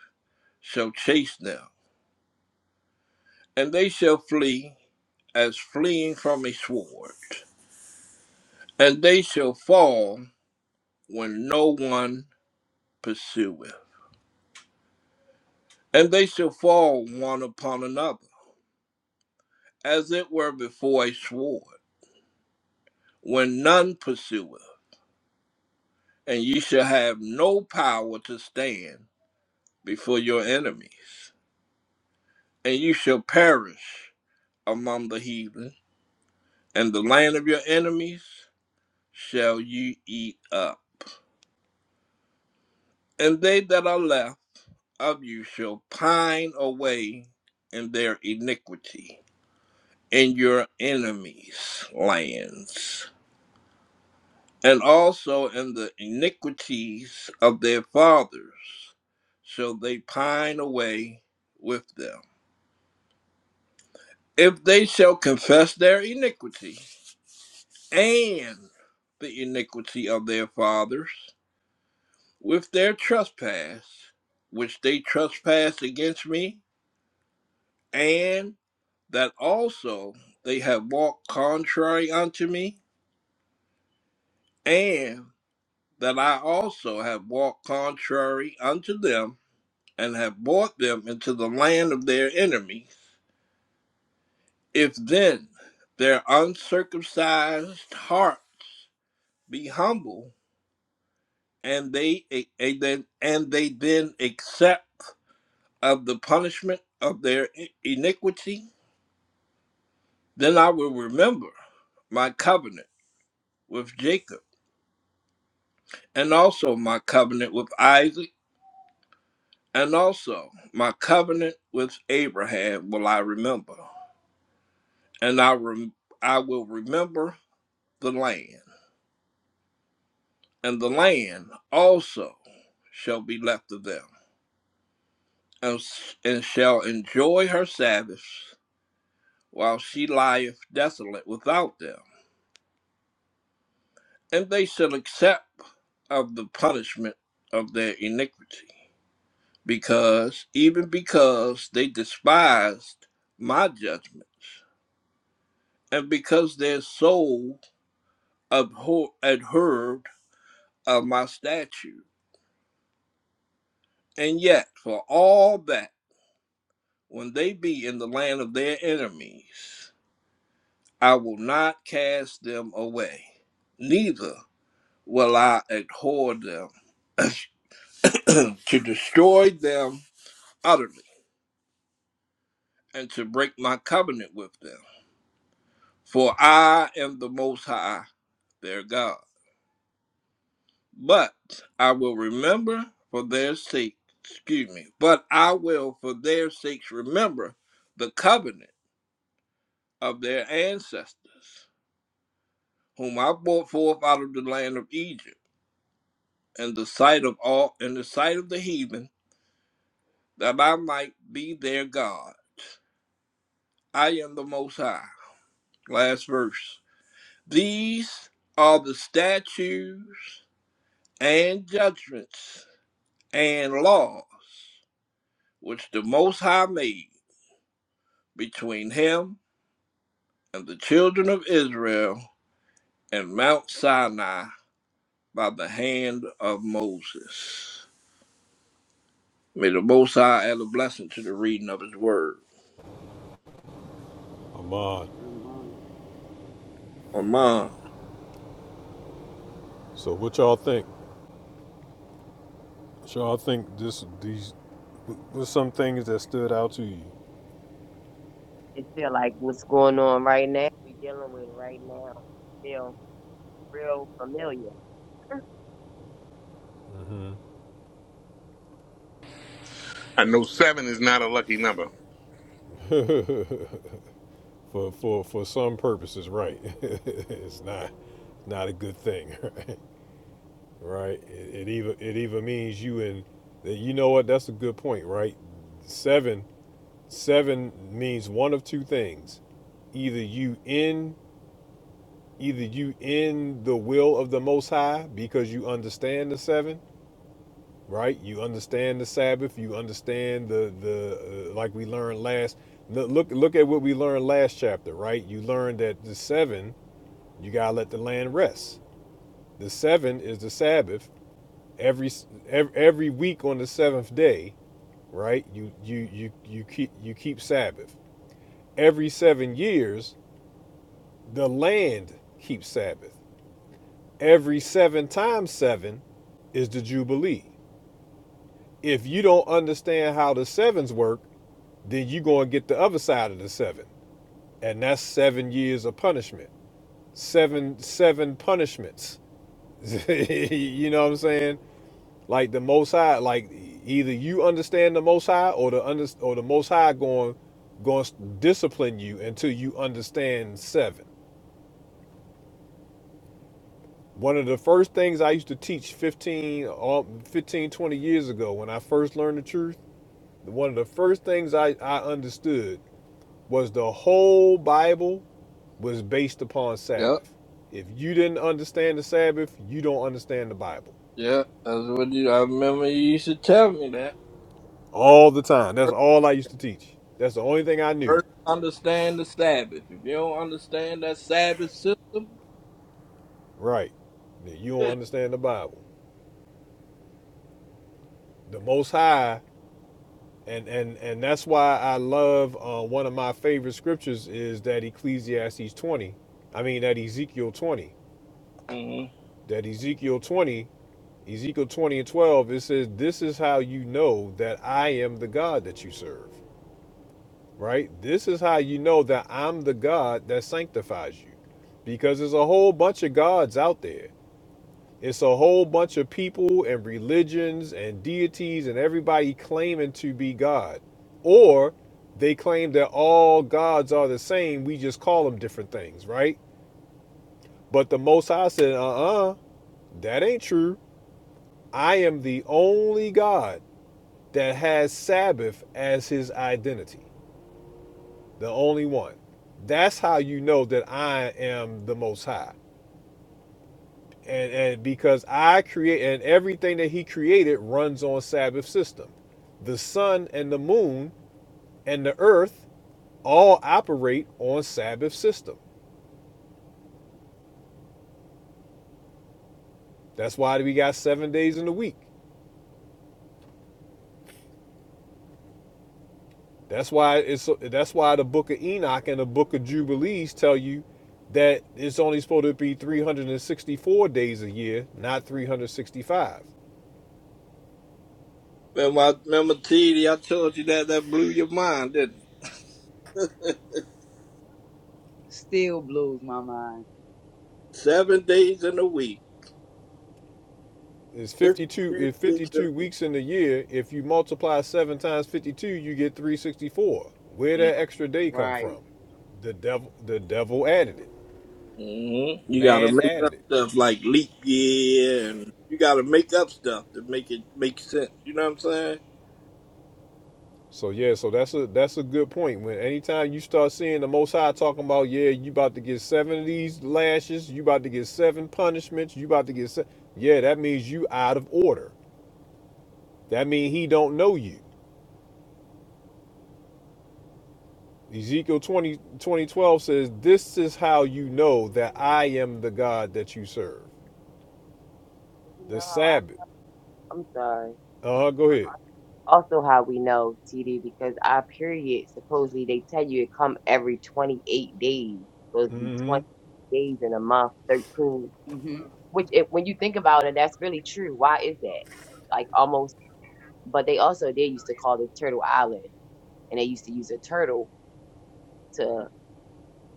Speaker 4: shall chase them, and they shall flee as fleeing from a sword, and they shall fall when no one pursueth, and they shall fall one upon another, as it were before a sword, when none pursueth and you shall have no power to stand before your enemies, and you shall perish among the heathen, and the land of your enemies shall you eat up. And they that are left of you shall pine away in their iniquity in your enemies' lands, and also in the iniquities of their fathers shall they pine away with them if they shall confess their iniquity and the iniquity of their fathers with their trespass, which they trespass against me, and that also they have walked contrary unto me, and that I also have walked contrary unto them, and have brought them into the land of their enemies. If then their uncircumcised hearts be humble, and they and then and they then accept of the punishment of their iniquity, then I will remember my covenant with Jacob, and also my covenant with Isaac, and also my covenant with Abraham will I remember, and I rem- I will remember the land, and the land also shall be left of them, and, s- and shall enjoy her Sabbaths while she lieth desolate without them. And they shall accept of the punishment of their iniquity, because even because they despised my judgments, and because their soul abhorred of my statute. And yet, for all that, when they be in the land of their enemies, I will not cast them away, neither will I abhor them to destroy them utterly and to break my covenant with them. For I am the Most High, their God. But I will remember for their sake, excuse me, but I will for their sakes remember the covenant of their ancestors, whom I brought forth out of the land of Egypt, in the sight of all in the sight of the heathen, that I might be their God. I am the Most High. Last verse. These are the statutes and judgments and laws which the Most High made between him and the children of Israel and Mount Sinai by the hand of Moses. May the Most High add a blessing to the reading of his word.
Speaker 1: I'm on.
Speaker 5: I'm lying.
Speaker 4: Amen.
Speaker 1: So what y'all think? So I think this these were some things that stood out to you.
Speaker 2: It feel like what's going on right now. We dealing with right now feel real familiar.
Speaker 6: I know seven is not a lucky number.
Speaker 1: Mm-hmm. for for for some purposes, right? it's not not a good thing, right? Right? It, it even it even means you in that you know what? That's a good point, right? Seven seven means one of two things: either you in either you in the will of the Most High because you understand the seven, right? You understand the Sabbath. You understand the the uh, like we learned last. no- Look look at what we learned last chapter, right? You learned that the seven you gotta let the land rest. The seven is the Sabbath. Every every, every week on the seventh day, right? You you you you keep you keep Sabbath. Every seven years, the land keeps Sabbath. Every seven times seven is the Jubilee. If you don't understand how the sevens work, then you go and get the other side of the seven and that's seven years of punishment seven seven punishments you know what i'm saying like the most high like either you understand the most high or the under, or the most high going going to discipline you until you understand seven one of the first things i used to teach 15 or 15 twenty years ago when i first learned the truth one of the first things i, I understood was the whole bible was based upon
Speaker 4: Yep,
Speaker 1: Sabbath. If you didn't understand the Sabbath, you don't understand the Bible.
Speaker 4: yep, that's what you, I remember you used to tell me that.
Speaker 1: All the time. That's
Speaker 4: First,
Speaker 1: all I used to teach. That's the only thing I knew.
Speaker 4: first understand the Sabbath. If you don't understand that Sabbath system,
Speaker 1: Right. you don't understand the Bible. The Most High, and and and that's why I love uh, one of my favorite scriptures is that Ecclesiastes 20. I mean that Ezekiel 20.
Speaker 4: Mm-hmm.
Speaker 1: That Ezekiel 20, Ezekiel 20 and 12, it says, This is how you know that I am the God that you serve. right? This is how you know that I'm the God that sanctifies you. Because there's a whole bunch of gods out there. It's a whole bunch of people and religions and deities and everybody claiming to be God. Or they claim that all gods are the same. We just call them different things, right? But the Most High said, uh uh that ain't true. I am the only God that has Sabbath as his identity. the only one. That's how you know that I am the most high. And and because I create and everything that he created runs on Sabbath system. The sun and the moon and the earth all operate on Sabbath system. That's why we got 7 days in the week. That's why it's that's why the book of Enoch and the book of Jubilees tell you that it's only supposed to be 364 days a year, not 365.
Speaker 4: Remember, I, remember, T D. I told you that that blew your mind, didn't it?
Speaker 5: Still blows my mind.
Speaker 4: Seven days in a week,
Speaker 1: It's 52
Speaker 4: 52
Speaker 1: it's
Speaker 4: weeks in
Speaker 1: 52 weeks in the year. If you multiply 7 times 52, you get 364. Where
Speaker 4: a
Speaker 1: that extra day come
Speaker 5: Right.
Speaker 1: from? The devil the devil added it.
Speaker 4: Mm-hmm. You gotta
Speaker 1: Man
Speaker 4: make up
Speaker 1: added it.
Speaker 4: stuff like leap year, and you gotta make up stuff to make it make sense. You know what I'm saying?
Speaker 1: So yeah, so that's a that's a good point. When anytime you start seeing the Most High talking about, yeah, you about to get seven of these lashes, you about to get seven punishments, you about to get, se-, yeah, that means you out of order. That means he don't know you. Ezekiel 20 2012 says, This is how you know that I am the God that you serve.
Speaker 2: And You
Speaker 1: The
Speaker 2: know how I,
Speaker 1: Sabbath.
Speaker 2: I'm sorry.
Speaker 1: Uh-huh. Go ahead.
Speaker 2: Also, how we know TD because our period supposedly they tell you it come every 28 days. Supposed to be
Speaker 1: Mm-hmm.
Speaker 2: 20 days in a month, 13.
Speaker 5: mm hmm
Speaker 2: which it, when you think about it that's really true why is that like almost but they also they used to call it turtle island and they used to use a turtle to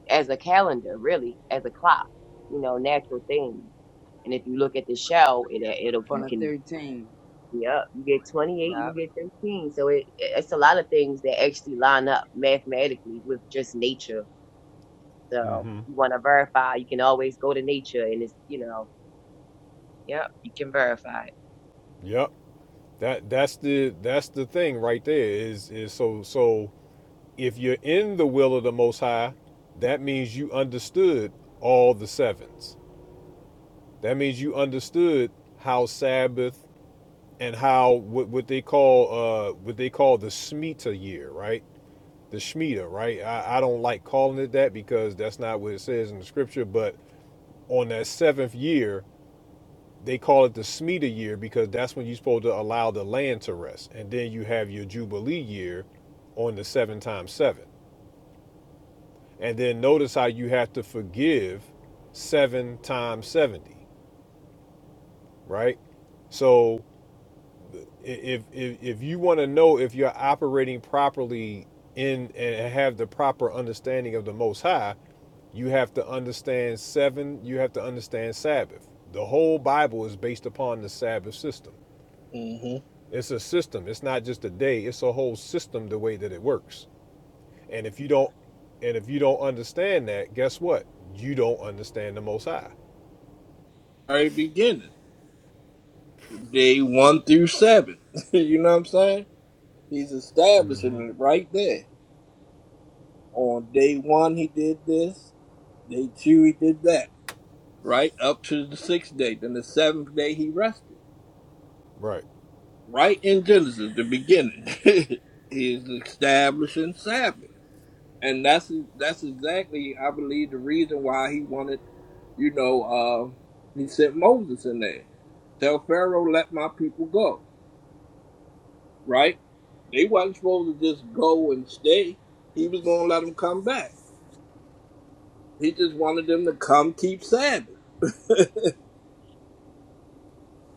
Speaker 2: as a calendar really as a clock you know natural thing and if you look at the show it it'll
Speaker 5: From
Speaker 2: you
Speaker 5: the
Speaker 2: can
Speaker 5: 13.
Speaker 2: yeah you get 28 and you
Speaker 5: Yep.
Speaker 2: get 13 so it it's a lot of things that actually line up mathematically with just nature so
Speaker 1: Mm-hmm.
Speaker 2: you want to verify you can always go to nature and it's you know yeah you can verify
Speaker 1: Yep. That that's the that's the thing right there. Is is so so if you're in the will of the most high, that means you understood all the sevens. That means you understood how Sabbath and how what, what they call uh what they call the Shemitah year, right? the Shemitah, right? I, I don't like calling it that because that's not what it says in the scripture. But on that seventh year, they call it the Shemitah year because that's when you're supposed to allow the land to rest. And then you have your Jubilee year on the seven times seven. And then notice how you have to forgive seven times 70, right? So if, if, if you want to know if you're operating properly in and have the proper understanding of the Most High, You have to understand seven, you have to understand Sabbath. The whole Bible is based upon the Sabbath system.
Speaker 4: Mm-hmm.
Speaker 1: It's a system. It's not just a day, it's a whole system the way that it works. And if you don't and if you don't understand that, guess what? You don't understand the most high.
Speaker 4: Very beginning, day one through seven. you know what I'm saying? He's
Speaker 1: hmm
Speaker 4: establishing it right there. On day one, he did this. Day two, he did that. right up to the sixth day. Then the seventh day he rested.
Speaker 1: Right.
Speaker 4: Right in Genesis, the beginning, he is establishing Sabbath, and that's that's exactly I believe the reason why he wanted, you know, uh, he sent Moses in there. Tell Pharaoh, let my people go. Right? They wasn't supposed to just go and stay. He was going to let them come back. He just wanted them to come keep Sabbath.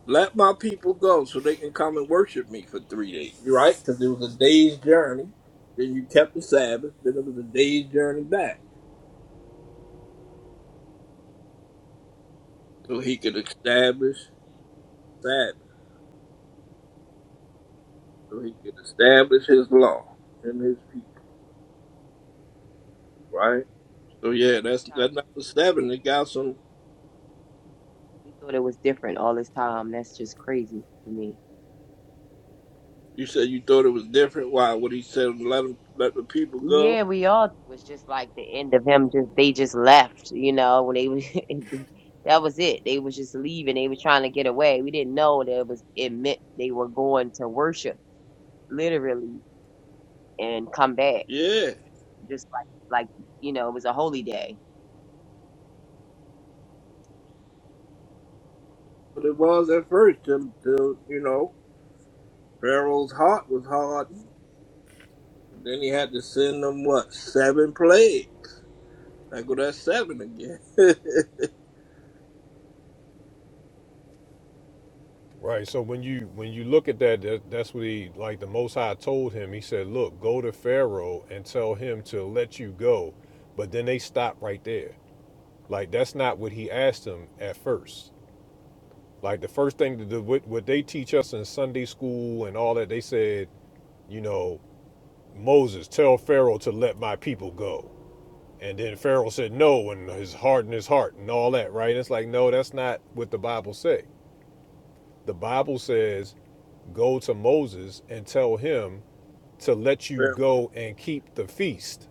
Speaker 4: Let my people go so they can come and worship me for three days. right, because it was a day's journey. Then you kept the Sabbath. Then it was a day's journey back. So he could establish Sabbath. So he could establish his law and his people, right? So yeah, that's
Speaker 2: it
Speaker 4: that's number seven. It got some
Speaker 2: We thought it was different all this time. That's just crazy to me.
Speaker 4: you said you thought it was different. Why what he said let 'em- let the people go?
Speaker 2: Yeah, we all it was just like the end of him. Just they just left, you know, when they was that was it. They was just leaving. They was trying to get away. We didn't know that it was it meant they were going to worship literally and come back
Speaker 4: Yeah.
Speaker 2: just like like you know it was a holy day.
Speaker 4: But it was at first till, till you know, Pharaoh's heart was hard Then he had to send them what seven plagues. I go that's seven again.
Speaker 1: Right. So when you when you look at that, that that's what he like the most high told him. He said, Look, go to Pharaoh and tell him to let you go. But then they stop right there. Like that's not what he asked him at first Like the first thing to do, what, what they teach us in Sunday school and all that, they said, you know, Moses, tell Pharaoh to let my people go. And then Pharaoh said no, and his heart in his heart and all that, right? And It's like, no, that's not what the Bible say. The Bible says, go to Moses and tell him to let you go and keep the feast.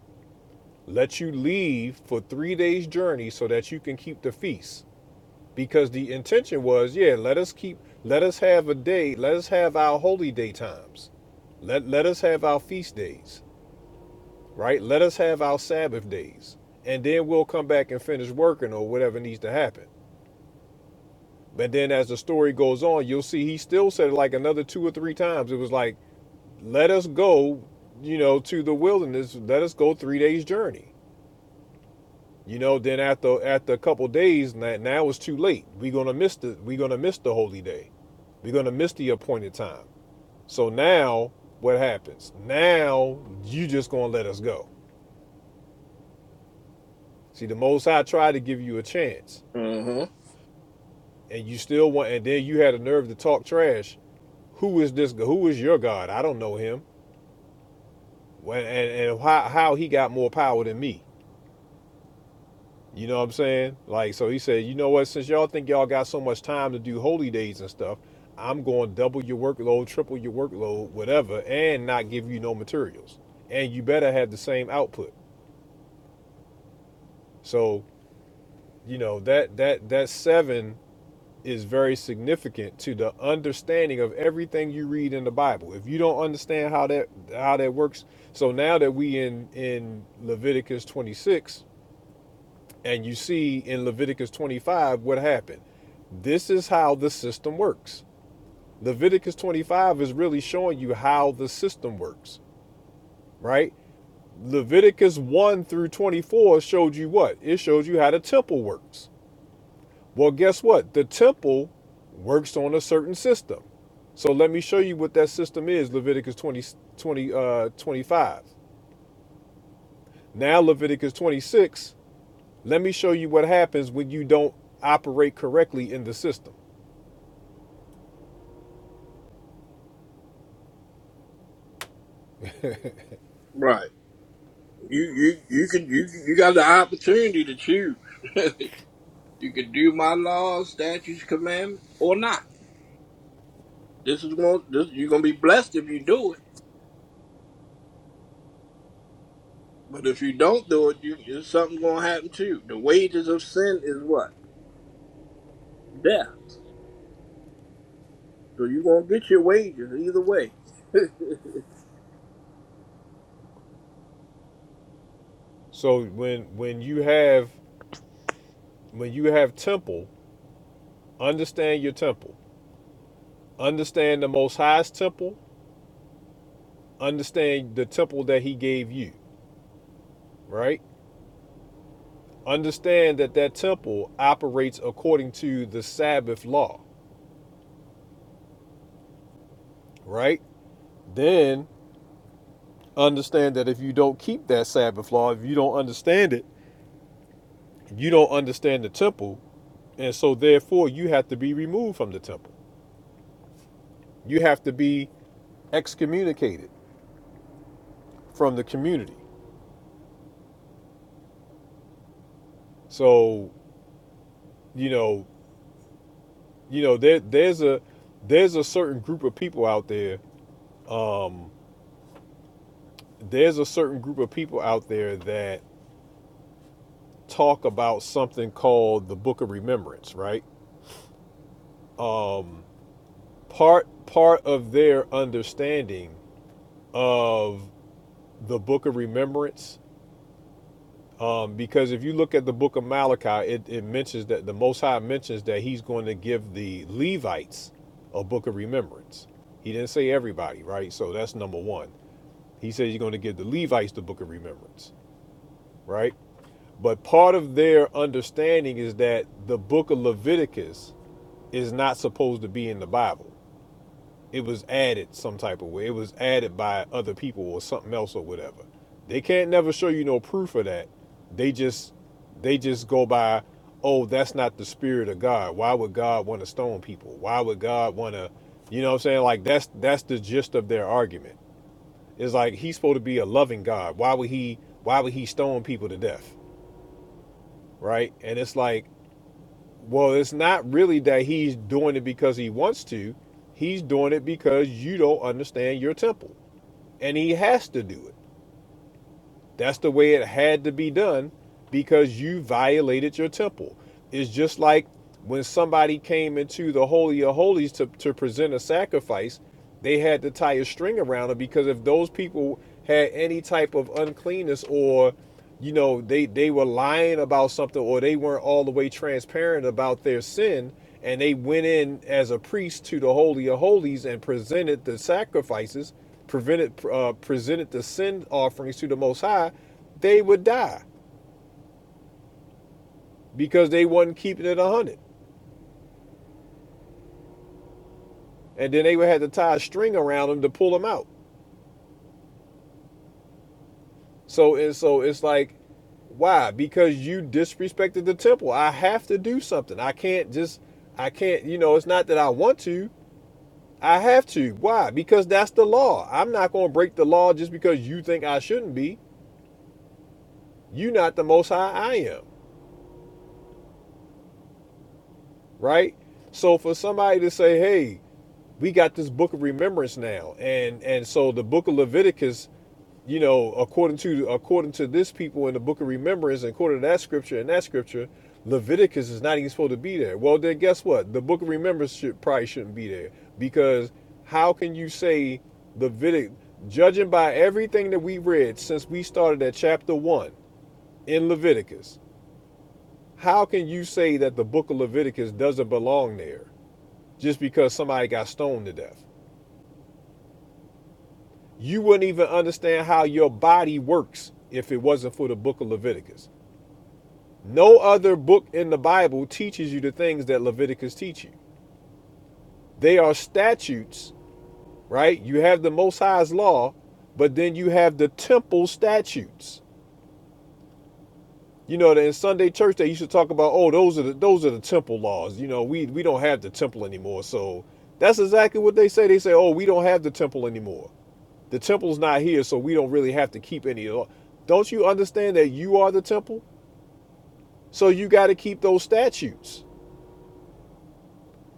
Speaker 1: Let you leave for three days' journey so that you can keep the feast. because the intention was yeah let us keep let us have a day let us have our holy day times let let us have our feast days right let us have our sabbath days and then we'll come back and finish working or whatever needs to happen but then as the story goes on you'll see he still said it like another two or three times it was like let us go you know to the wilderness let us go three days journey you know then after after a couple of days now it's too late we're gonna miss the we're gonna miss the holy day we're gonna miss the appointed time So now what happens? Now you just gonna let us go. See, the Most High tried to give you a chance,
Speaker 4: uh-huh.
Speaker 1: and you still want. And then you had the nerve to talk trash. Who is this? Who is your God? I don't know him. Well, and and how, how he got more power than me? You know what I'm saying? Like, so he said, you know what? Since y'all think y'all got so much time to do holy days and stuff, I'm going to double your workload, triple your workload, whatever, and not give you no materials. And you better have the same output. So you know that that that seven is very significant to the understanding of everything you read in the bible if you don't understand how that how that works so now that we in in leviticus 26 and you see in leviticus 25 what happened this is how the system works leviticus 25 is really showing you how the system works right leviticus 1 through 24 showed you what it showed you how the temple works Well, guess what? The temple works on a certain system. So let me show you what that system is Leviticus 20, twenty, uh, 25. Now, Leviticus 26, let me show you what happens when you don't operate correctly in the system.
Speaker 4: Right. You you you can you you got the opportunity to choose. you can do my laws, statutes, commandments, or not. This is going. This you're gonna be blessed if you do it. But if you don't do it, you it's something gonna happen to you. The wages of sin is what death. So you're gonna get your wages either way.
Speaker 1: So when when you have when you have temple, understand your temple. Understand the most highest temple, understand the temple that he gave you, right? Understand that that temple operates according to the Sabbath law. right? Then understand that if you don't keep that Sabbath law, if you don't understand it, you don't understand the temple. And so, therefore, you have to be removed from the temple. You have to be excommunicated from the community. So, you know, you know, there, there's a there's a certain group of people out there. Um, there's a certain group of people out there that talk about something called the Book of Remembrance, right? Um, part part of their understanding of the book of remembrance um, because if you look at the book of Malachi, it, it mentions that the Most High mentions that he's going to give the Levites a book of remembrance. He didn't say everybody, right? So that's number one. He says he's going to give the Levites the book of remembrance, right? But part of their understanding is that the book of Leviticus is not supposed to be in the Bible. It was added some type of way. It was added by other people or something else or whatever. They can't never show you no proof of that. They just they just go by, oh, that's not the spirit of God. Why would God want to stone people? Why would God want to, you know what I'm saying? Like that's that's the gist of their argument. It's like he's supposed to be a loving God. Why would he why would he stone people to death? Right? And it's like, well, it's not really that he's doing it because he wants to. He's doing it because you don't understand your temple and he has to do it. That's the way it had to be done because you violated your temple. It's just like when somebody came into the Holy of Holies to, to present a sacrifice, they had to tie a string around it because if those people had any type of uncleanness or you know they they were lying about something or they weren't all the way transparent about their sin and they went in as a priest to the holy of holies and presented the sacrifices prevented uh, presented the sin offerings to the most high they would die because they wasn't keeping it 100 and then they would have to tie a string around them to pull them out so and so it's like why because you disrespected the temple i have to do something i can't just i can't you know it's not that i want to i have to why because that's the law i'm not going to break the law just because you think i shouldn't be you are not the most high i am right so for somebody to say hey we got this book of remembrance now and and so the book of leviticus you know, according to according to this people in the book of remembrance, and according to that scripture and that scripture, Leviticus is not even supposed to be there. Well, then guess what? The book of remembrance should probably shouldn't be there because how can you say Leviticus, Judging by everything that we read since we started at chapter one in Leviticus, how can you say that the book of Leviticus doesn't belong there just because somebody got stoned to death? You wouldn't even understand how your body works if it wasn't for the book of Leviticus. No other book in the Bible teaches you the things that Leviticus teach you. They are statutes, right? You have the Most High's law, but then you have the temple statutes. You know, in Sunday church they used to talk about, oh, those are the those are the temple laws. You know, we we don't have the temple anymore. So that's exactly what they say. They say, oh, we don't have the temple anymore. The temple's not here, so we don't really have to keep any law. Don't you understand that you are the temple? So you got to keep those statutes.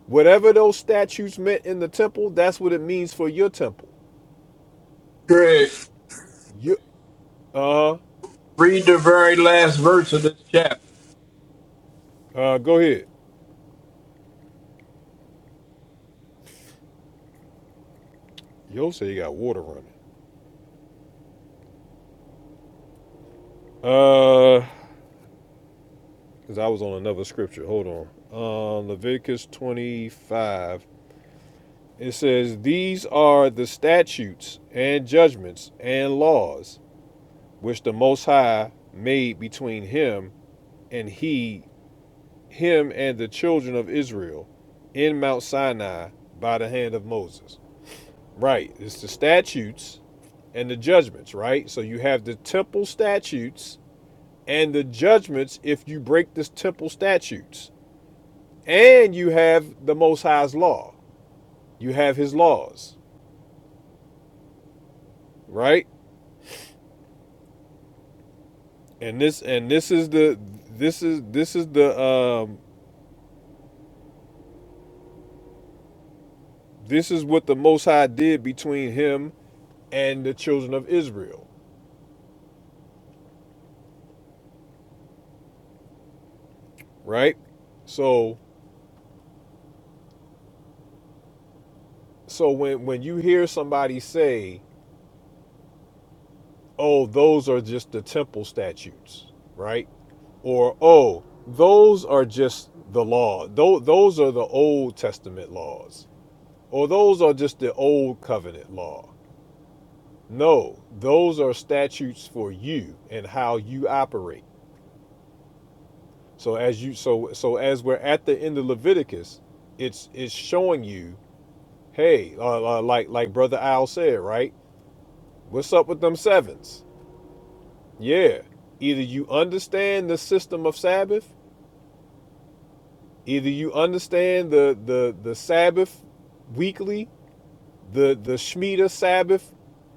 Speaker 1: Whatever those statutes meant in the temple, that's what it means for your temple.
Speaker 4: Craig,
Speaker 1: You, uh,
Speaker 4: read the very last verse of this chapter.
Speaker 1: uh, go ahead. Yo, say you got water running. Uh, because I was on another scripture. Hold on. Uh, Leviticus 25. It says, These are the statutes and judgments and laws which the Most High made between him and he, him and the children of Israel in Mount Sinai by the hand of Moses. Right. It's the statutes and the judgments, right? So you have the temple statutes and the judgments if you break the temple statutes. And you have the most high's law. You have his laws, right? And this and this is the this is this is the um this is what the most high did between him and the children of Israel, right? So so when when you hear somebody say, "Oh, those are just the temple statutes," right? or oh those are just the law those, those are the old testament laws or those are just the old covenant law no those are statutes for you and how you operate so as you so so as we're at the end of leviticus it's it's showing you hey uh, uh, like like brother al said right what's up with them sevens yeah either you understand the system of sabbath Either you understand the the the Sabbath weekly, the the Shemitah Sabbath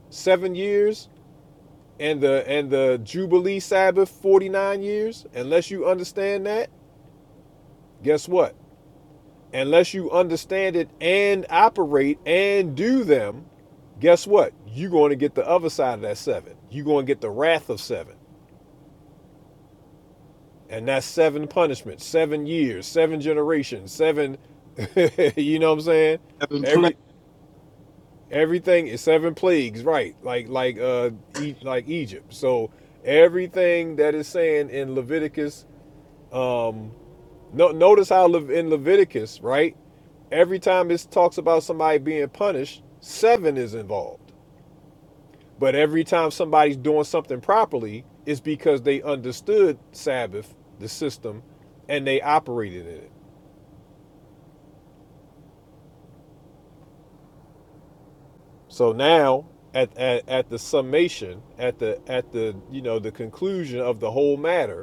Speaker 1: seven years, and the and the Jubilee Sabbath forty nine years. Unless you understand that, guess what? Unless you understand it and operate and do them, guess what? You're going to get the other side of that seven. You're going to get the wrath of seven. And that's seven punishments, seven years, seven generations, seven, you know what I'm saying?
Speaker 4: Seven plagues.
Speaker 1: Every everything is seven plagues, right? Like like uh e- like Egypt. So everything that is saying in Leviticus, um, no, notice how Lev- in Leviticus, right? Every time it talks about somebody being punished, seven is involved. But every time somebody's doing something properly, it's because they understood Sabbath, the system, and they operated in it. So now at, at, at the summation, at the at the you know the conclusion of the whole matter,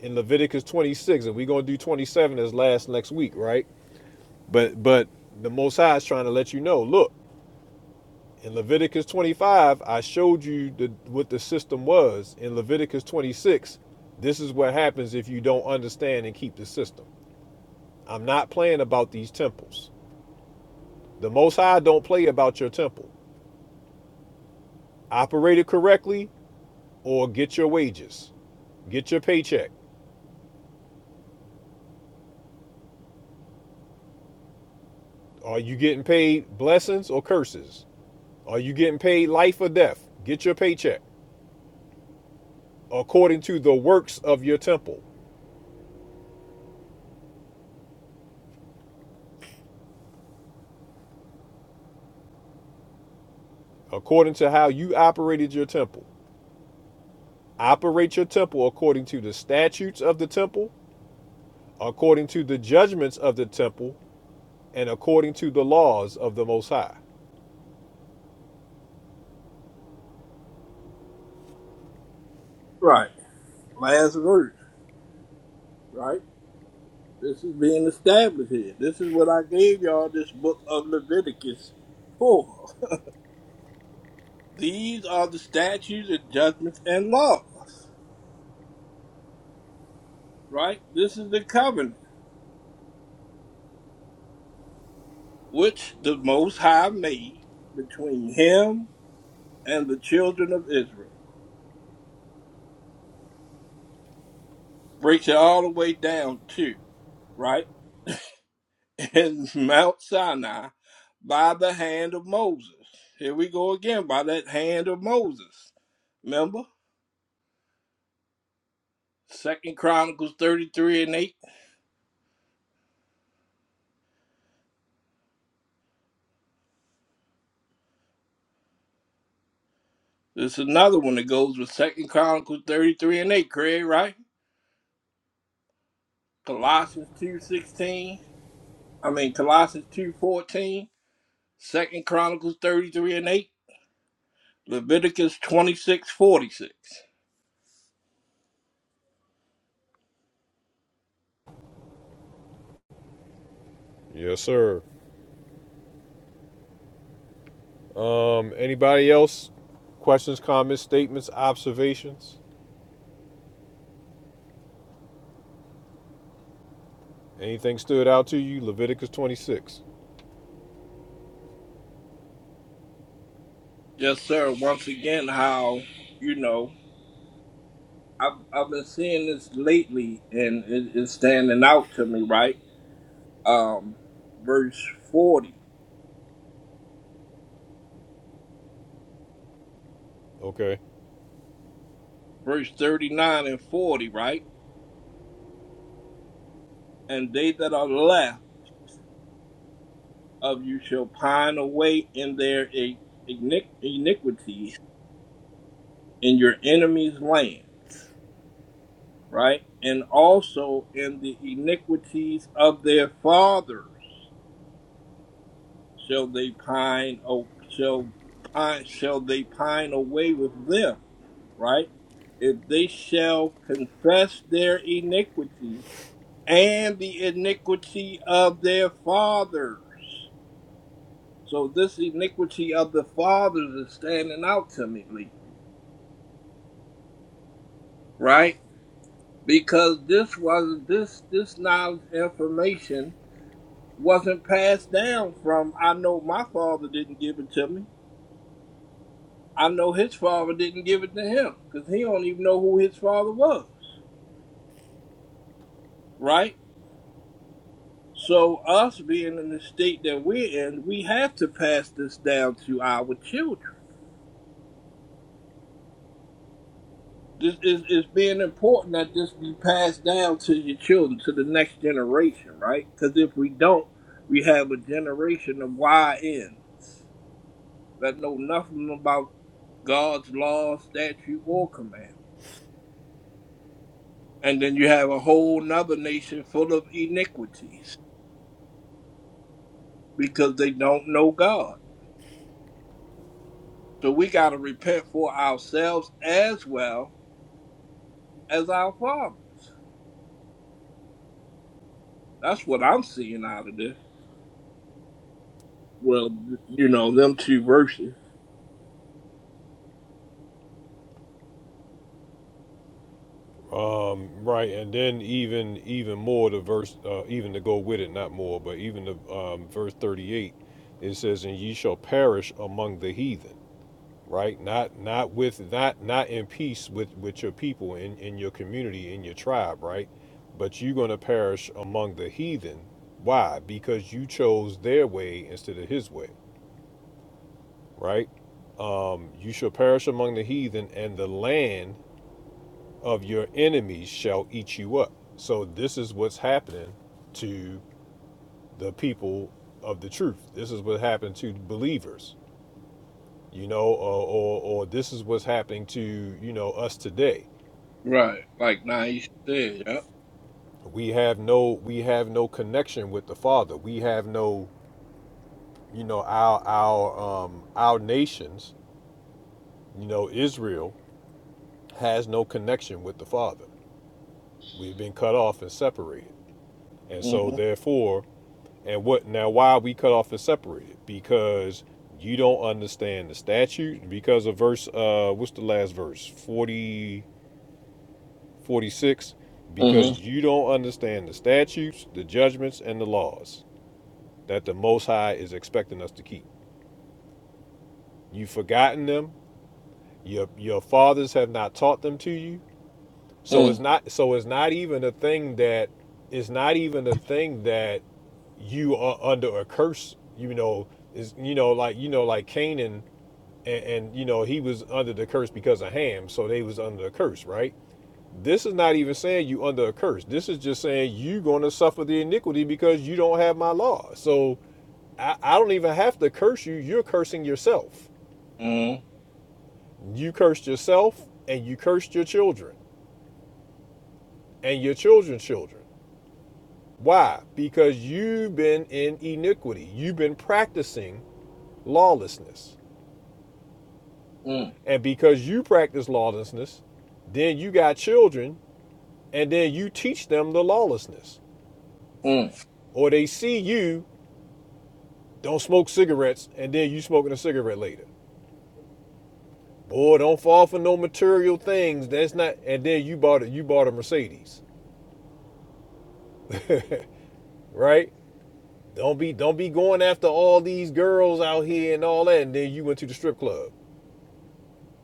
Speaker 1: in Leviticus 26, and we're gonna do 27 as last next week, right? But but the Most High is trying to let you know. Look, in Leviticus 25, I showed you the, what the system was. In Leviticus 26, this is what happens if you don't understand and keep the system. I'm not playing about these temples. The Most High don't play about your temple. Operate it correctly, or get your wages, get your paycheck. Are you getting paid blessings or curses? Are you getting paid life or death? Get your paycheck. according to the works of your temple, according to how you operated your temple. Operate your temple according to the statutes of the temple, according to the judgments of the temple, and according to the laws of the Most High.
Speaker 4: Right. Last verse, right? This is being established here. This is what I gave y'all this book of Leviticus for. These are the statutes and judgments and laws, right? This is the covenant which the Most High made between him and the children of Israel. Breaks it all the way down to, right? In Mount Sinai by the hand of Moses. Here we go again by that hand of Moses. Remember? Second Chronicles 33 and 8. This is another one that goes with Second Chronicles 33 and 8, Craig, right? Colossians 2.16. I mean Colossians 2.14. Second Chronicles 33 and 8. Leviticus 26.46.
Speaker 1: Yes, sir. Um, anybody else? Questions, comments, statements, observations? Anything stood out to you? Leviticus 26.
Speaker 4: Yes, sir. Once again, how you know, I've I've been seeing this lately and it, it's standing out to me, right? Um verse 40.
Speaker 1: Okay.
Speaker 4: Verse 39 and 40, right? And they that are left of you shall pine away in their iniqu- iniquities in your enemies' lands, right? And also in the iniquities of their fathers shall they pine o- shall pine shall they pine away with them, right? If they shall confess their iniquity and the iniquity of their fathers. So this iniquity of the fathers is standing out to me, Lee right? Because this was this this knowledge information wasn't passed down from I know my father didn't give it to me. I know his father didn't give it to him because he don't even know who his father was, right? So us being in the state that we're in, we have to pass this down to our children. This is is being important that this be passed down to your children, to the next generation, right? Because if we don't, we have a generation of y YNs that know nothing about God's law, statute, or commandments, And then you have a whole nother nation full of iniquities because they don't know God. So we got to repent for ourselves as well as our fathers. That's what I'm seeing out of this. Well, you know, them two verses.
Speaker 1: Um, right, and then even even more to verse, uh, even to go with it, not more, but even the um, verse thirty-eight, it says, "And ye shall perish among the heathen." Right, not not with not not in peace with with your people in in your community in your tribe, right? But you're gonna perish among the heathen. Why? Because you chose their way instead of His way, right? Um, you shall perish among the heathen, and the land of your enemies shall eat you up. So this is what's happening to the people of the truth. This is what happened to believers, you know, or, or or this is what's happening to you know us today.
Speaker 4: Right. Like Naisha said, yeah.
Speaker 1: We have no we have no connection with the Father. We have no you know our our um our nations, you know, Israel has no connection with the Father. We've been cut off and separated. And so,
Speaker 4: Mm-hmm.
Speaker 1: therefore, And what now? Why are we cut off and separated? Because you don't understand the statute. Because of verse, uh, what's the last verse? 40, 46. Because
Speaker 4: Mm-hmm.
Speaker 1: you don't understand the statutes, the judgments, and the laws that the Most High is expecting us to keep. You've forgotten them. Your your fathers have not taught them to you. So it's not. So it's not even a thing that it's not even a thing that you are under a curse. You know is you know like you know like Canaan and, and you know he was under the curse because of ham so they was under the curse right this is not even saying you under a curse this is just saying you are going to suffer the iniquity because you don't have my law so I, I don't even have to curse you you're cursing yourself
Speaker 4: Mm-hmm.
Speaker 1: you cursed yourself and you cursed your children and your children's children why because you've been in iniquity you've been practicing lawlessness
Speaker 4: Mm-hmm.
Speaker 1: and because you practice lawlessness then you got children and then you teach them the lawlessness. Or they see you don't smoke cigarettes, and then you smoking a cigarette later. Boy, don't fall for no material things. That's not. And then you bought it. You bought a Mercedes, right? Don't be don't be going after all these girls out here and all that. And then you went to the strip club.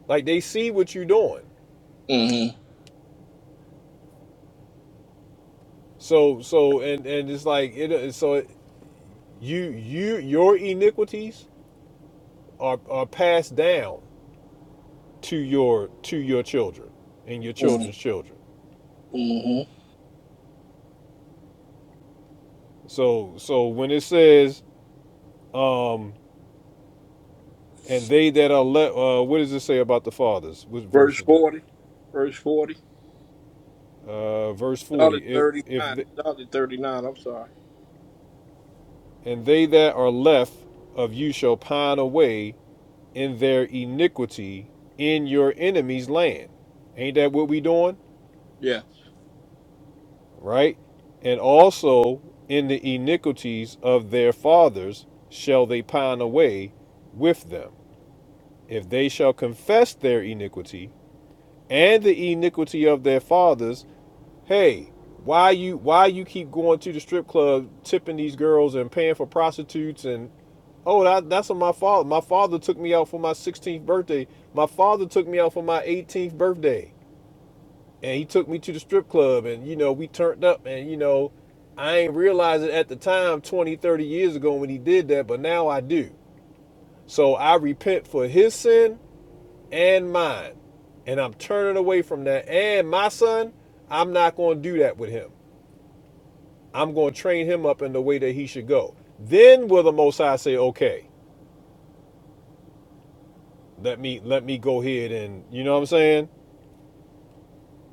Speaker 1: Like they see what you're doing.
Speaker 4: Mm-hmm.
Speaker 1: So so and and it's like it. So it, you you your iniquities are are passed down to your to your children and your children's children.
Speaker 4: Mm-hmm.
Speaker 1: So so when it says um and they that are left, uh, what does it say about the fathers? What
Speaker 4: Verse
Speaker 1: verse is that?
Speaker 4: 40. Verse 40.
Speaker 1: Uh, verse forty.
Speaker 4: Started
Speaker 1: If
Speaker 4: thirty
Speaker 1: if
Speaker 4: nine.
Speaker 1: the,
Speaker 4: Started thirty nine. I'm sorry.
Speaker 1: and they that are left of you shall pine away in their iniquity in your enemy's land. Ain't that what we doing?
Speaker 4: Yeah.
Speaker 1: Right? And also in the iniquities of their fathers shall they pine away with them. If they shall confess their iniquity and the iniquity of their fathers, hey, why you why you keep going to the strip club, tipping these girls and paying for prostitutes and oh that, that's what my father my father took me out for my 16th birthday. My father took me out for my 18th birthday and he took me to the strip club and you know we turned up and you know I ain't realize it at the time 20, 30 years ago when he did that, but now I do. So I repent for his sin and mine. And I'm turning away from that. And my son, I'm not going to do that with him. I'm going to train him up in the way that he should go. Then will the Most High say, "Okay, let me let me go ahead and you know what I'm saying."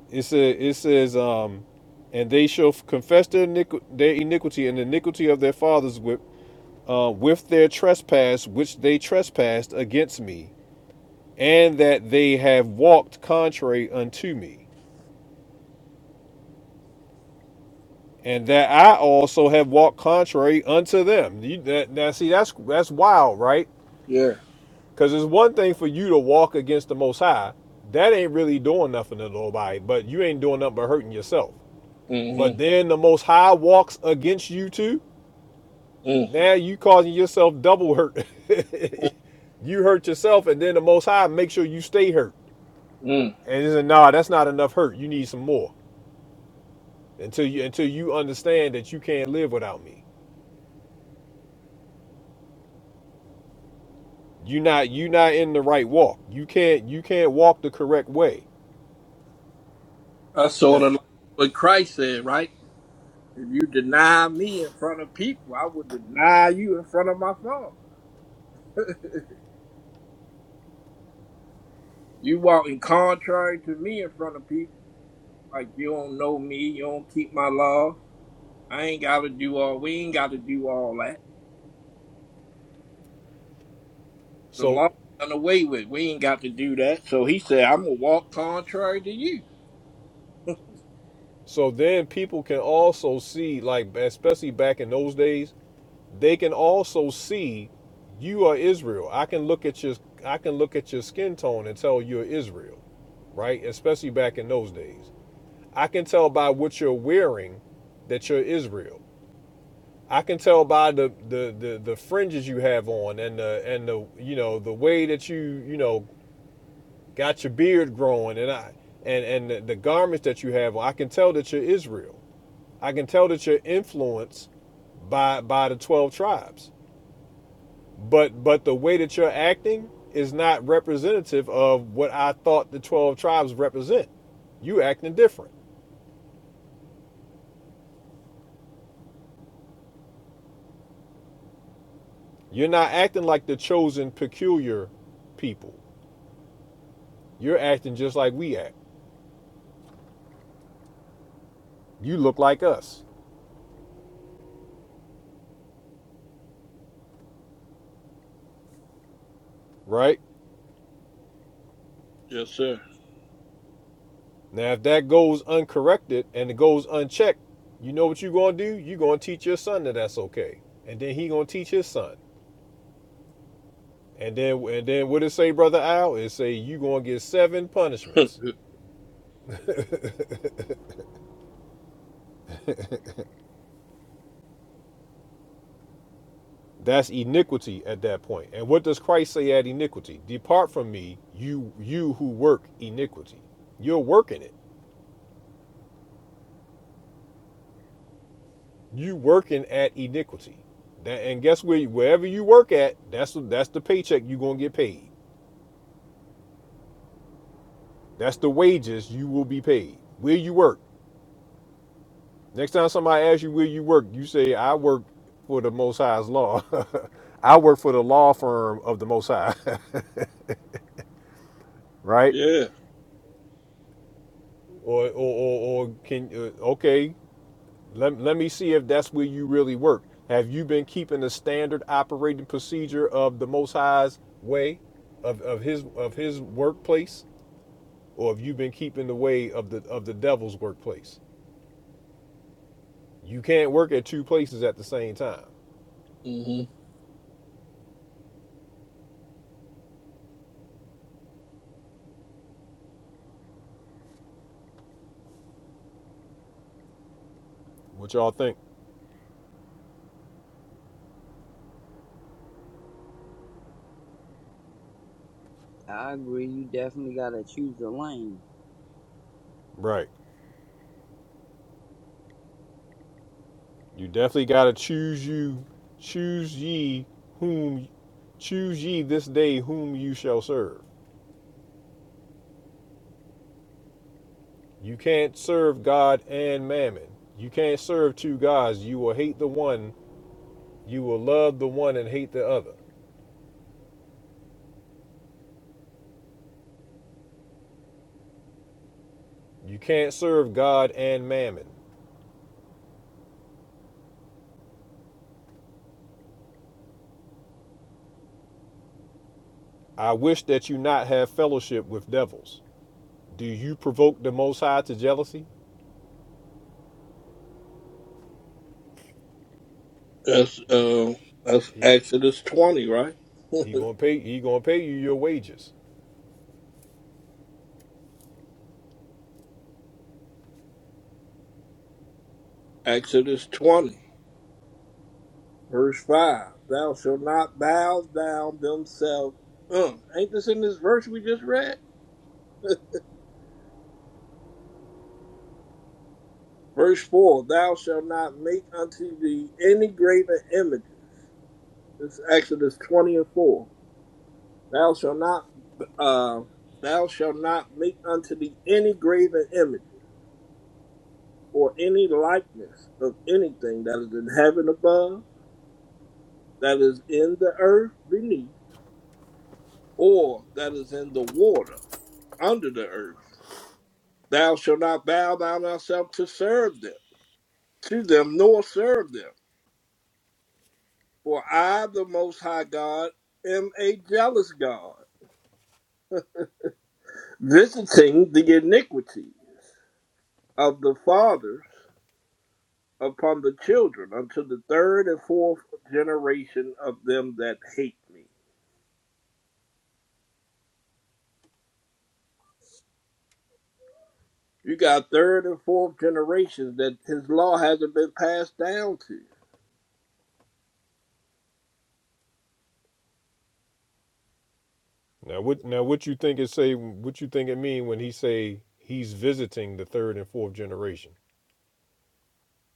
Speaker 1: It says it says, um, and they shall confess their, iniqu- their iniquity and the iniquity of their fathers with uh, with their trespass which they trespassed against me, and that they have walked contrary unto me. and that I also have walked contrary unto them. You, that, now, see, that's that's wild, right?
Speaker 4: Yeah.
Speaker 1: Because it's one thing for you to walk against the Most High. That ain't really doing nothing to nobody, but you ain't doing nothing but hurting yourself. But
Speaker 4: Mm-hmm.
Speaker 1: then the Most High walks against you too.
Speaker 4: Mm.
Speaker 1: Now you causing yourself double hurt. you hurt yourself, and then the Most High make sure you stay hurt.
Speaker 4: Mm.
Speaker 1: And it's a nah, that's not enough hurt. You need some more until you until you understand that you can't live without me. you are not you not in the right walk. You can't you can't walk the correct way.
Speaker 4: That's
Speaker 1: Uh,
Speaker 4: sort of like what Christ said, right? If you deny me in front of people, I will deny you in front of my Father. you walking contrary to me in front of people, like you don't know me, you don't keep my law. I ain't got to do all. We ain't got to do all that. The
Speaker 1: So
Speaker 4: law done away with. We ain't got to do that. So he said, "I'm gonna walk contrary to you."
Speaker 1: so then people can also see like especially back in those days, they can also see you are Israel. I can look at your I can look at your skin tone and tell you're Israel, right? Especially back in those days. I can tell by what you're wearing that you're Israel. I can tell by the the the, the fringes you have on and the and the you know the way that you you know got your beard growing and I and and the, the garments that you have, on, I can tell that you're Israel. I can tell that you're influenced by by the 12 tribes. But but the way that you're acting is not representative of what I thought the 12 tribes represent. You acting different. You're not acting like the chosen peculiar people. You're acting just like we act. You look like us, right?
Speaker 4: Yes, sir.
Speaker 1: Now, if that goes uncorrected and it goes unchecked, you know what you're gonna do? You're gonna teach your son that that's okay, and then he gonna teach his son, and then and then what it say, brother Al? It say you are gonna get seven punishments. That's iniquity at that point. And what does Christ say at iniquity? Depart from me, you you who work iniquity. You're working it. You working at iniquity. That, and guess where? Wherever you work at, that's that's the paycheck you're gonna get paid. That's the wages you will be paid. Where you work, Next time somebody asks you where you work, you say, I work for the Most High's law. I work for the law firm of the Most High, right?
Speaker 4: yeah.
Speaker 1: Or, or, or, or can, uh, okay, let, let me see if that's where you really work. Have you been keeping the standard operating procedure of the Most High's way, of, of his of his workplace, or have you been keeping the way of the of the devil's workplace? You can't work at two places at the same time.
Speaker 4: Mm-hmm.
Speaker 1: What y'all think?
Speaker 5: I agree. You definitely got to choose the lane.
Speaker 1: Right. You definitely gotta choose you, choose ye whom, choose ye this day whom you shall serve. You can't serve God and mammon. You can't serve two gods. You will hate the one, you will love the one and hate the other. You can't serve God and mammon. I wish that you not have fellowship with devils. Do you provoke the Most High to jealousy?
Speaker 4: That's uh, that's
Speaker 1: He
Speaker 4: Exodus twenty, right?
Speaker 1: he gonna pay he gonna pay you your wages.
Speaker 4: Exodus twenty, verse five. Thou shalt not bow down themselves. Uh, ain't this in this verse we just read? Verse four. Thou shalt not make unto thee any graven images. This is Exodus twenty and four. Thou shalt not uh, thou shalt not make unto thee any graven images or any likeness of anything that is in heaven above, that is in the earth beneath or that is in the water under the earth. Thou shalt not bow down thyself to serve them, to them, nor serve them. For I, the Most High God, am a jealous God, visiting the iniquity of the fathers upon the children unto the third and fourth generation of them that hate me. You got third and fourth generations that his law hasn't been passed down to.
Speaker 1: Now what now what you think it say what you think it mean when he say he's visiting the third and fourth generation?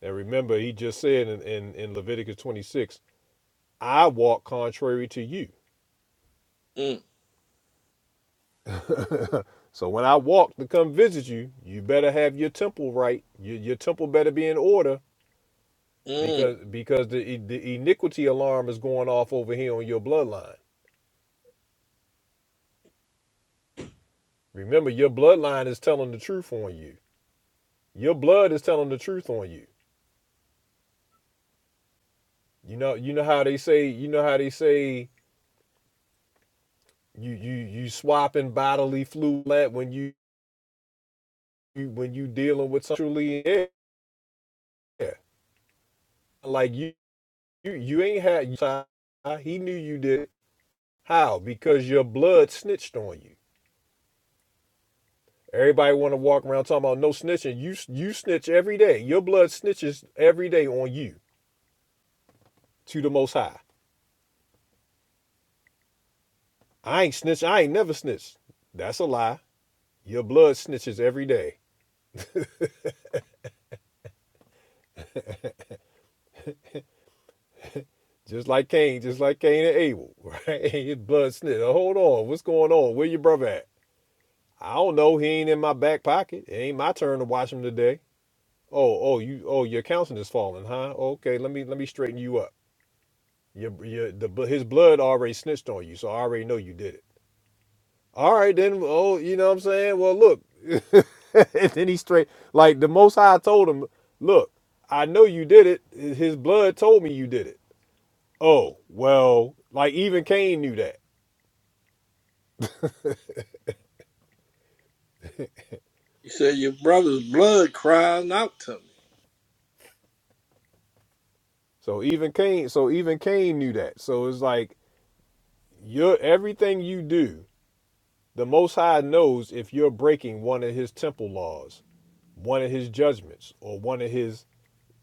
Speaker 1: Now remember he just said in, in, in Leviticus twenty six, I walk contrary to you.
Speaker 4: Mm,
Speaker 1: So when I walk to come visit you, you better have your temple right. Your, your temple better be in order
Speaker 4: mm.
Speaker 1: because because the the iniquity alarm is going off over here on your bloodline. Remember, your bloodline is telling the truth on you. Your blood is telling the truth on you. You know, you know how they say, you know how they say you you you swapping bodily fluid when you, you when you dealing with sexually ill. Like you you you ain't had he knew you did it. How? Because your blood snitched on you. Everybody want to walk around talking about no snitching. You you snitch every day. Your blood snitches every day on you to the Most High. I ain't snitch. I ain't never snitched. That's a lie. Your blood snitches every day, just like Cain, just like Cain and Abel. Right? His blood snitch. Hold on. What's going on? Where your brother at? I don't know. He ain't in my back pocket. It ain't my turn to watch him today. Oh, oh, you, oh, your counseling is falling, huh? Okay, let me let me straighten you up. Your, your, the bl- his blood already snitched on you, so I already know you did it. All right, then. Oh, you know what I'm saying? Well, look. and then he straight like the Most High told him, look, I know you did it. His blood told me you did it. Oh, well, like even Cain knew that.
Speaker 4: He said, Your brother's blood crying out to
Speaker 1: So even Cain, so even Cain knew that. So it's like your everything you do. The Most High knows if you're breaking one of his temple laws, one of his judgments, or one of his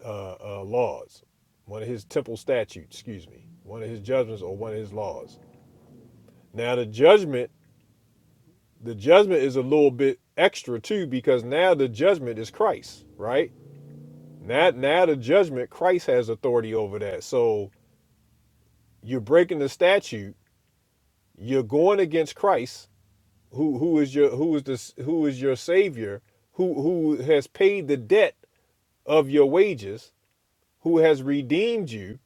Speaker 1: uh, uh, laws, one of his temple statutes, excuse me, one of his judgments or one of his laws. Now, the judgment, the judgment is a little bit extra too, because now the judgment is Christ, right? Now, now the judgment, Christ has authority over that. So you're breaking the statute, you're going against Christ, who who is your who is this who is your savior, who who has paid the debt of your wages, who has redeemed you,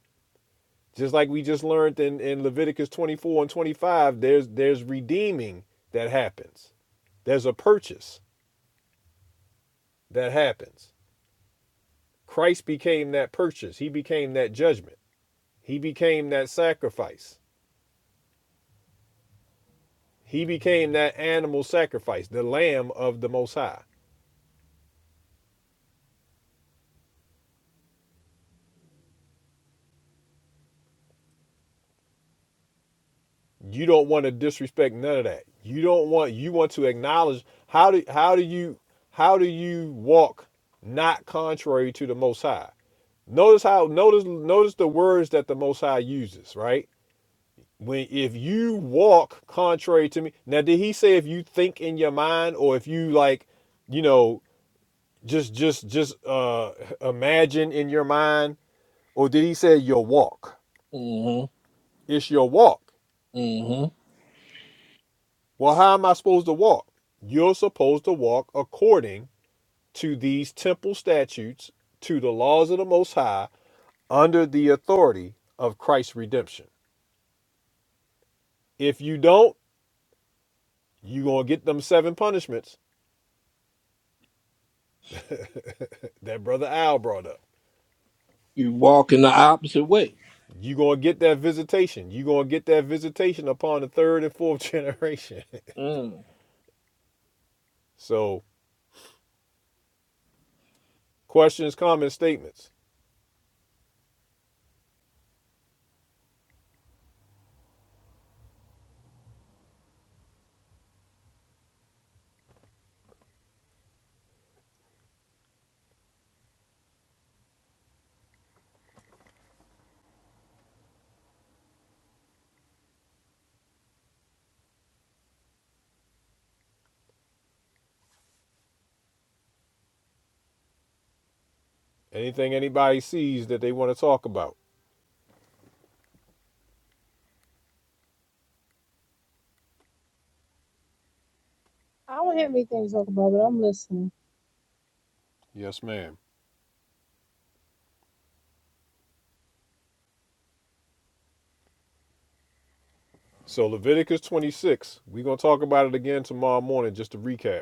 Speaker 1: just like we just learned in, in Leviticus 24 and 25, there's there's redeeming that happens. There's a purchase that happens. Christ became that purchase. He became that judgment. He became that sacrifice. He became that animal sacrifice, the lamb of the most high. You don't want to disrespect none of that. You don't want you want to acknowledge how do how do you how do you walk not contrary to the most high? Notice how notice notice the words that the Most High uses, right? When if you walk contrary to me, now did he say if you think in your mind or if you like, you know, just just just uh imagine in your mind, or did he say your walk?
Speaker 4: me.
Speaker 1: It's your walk.
Speaker 4: hmm hmm
Speaker 1: Well, how am I supposed to walk? You're supposed to walk according to these temple statutes, to the laws of the Most High, under the authority of Christ's redemption. If you don't, You gonna get them seven punishments that brother Al brought up.
Speaker 4: You walk in the opposite way.
Speaker 1: You gonna get that visitation. You gonna get that visitation upon the third and fourth generation.
Speaker 4: Mm.
Speaker 1: so questions, comments, statements. Anything anybody sees that they want to talk about.
Speaker 7: I don't have anything to talk about, but I'm listening.
Speaker 1: Yes, ma'am. So Leviticus 26. We're gonna talk about it again tomorrow morning just to recap.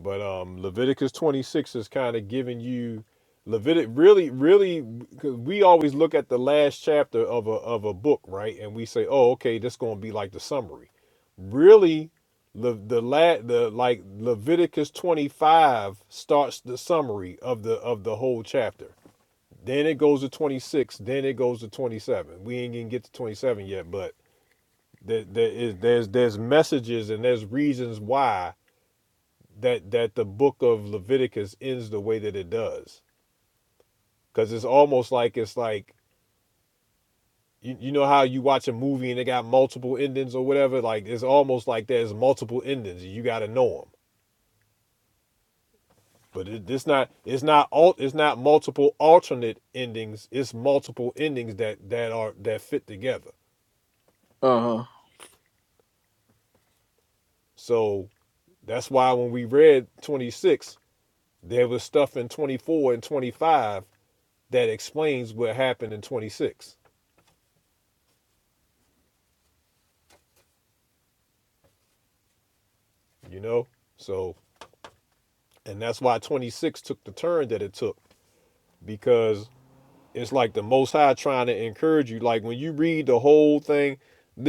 Speaker 1: But um, Leviticus 26 is kind of giving you Levitic really, really, because we always look at the last chapter of a of a book, right? And we say, oh, okay, this going to be like the summary. Really, the the la- the like Leviticus 25 starts the summary of the of the whole chapter. Then it goes to 26. Then it goes to 27. We ain't gonna get to 27 yet, but there, there is there's there's messages and there's reasons why that that the book of Leviticus ends the way that it does because it's almost like it's like you, you know how you watch a movie and it got multiple endings or whatever like it's almost like there's multiple endings you got to know them but it, it's not it's not all it's not multiple alternate endings it's multiple endings that that are that fit together
Speaker 4: Uh-huh.
Speaker 1: so that's why when we read 26 there was stuff in 24 and 25 that explains what happened in 26 you know so And that's why 26 took the turn that it took because it's like the Most High trying to encourage you. Like when you read the whole thing,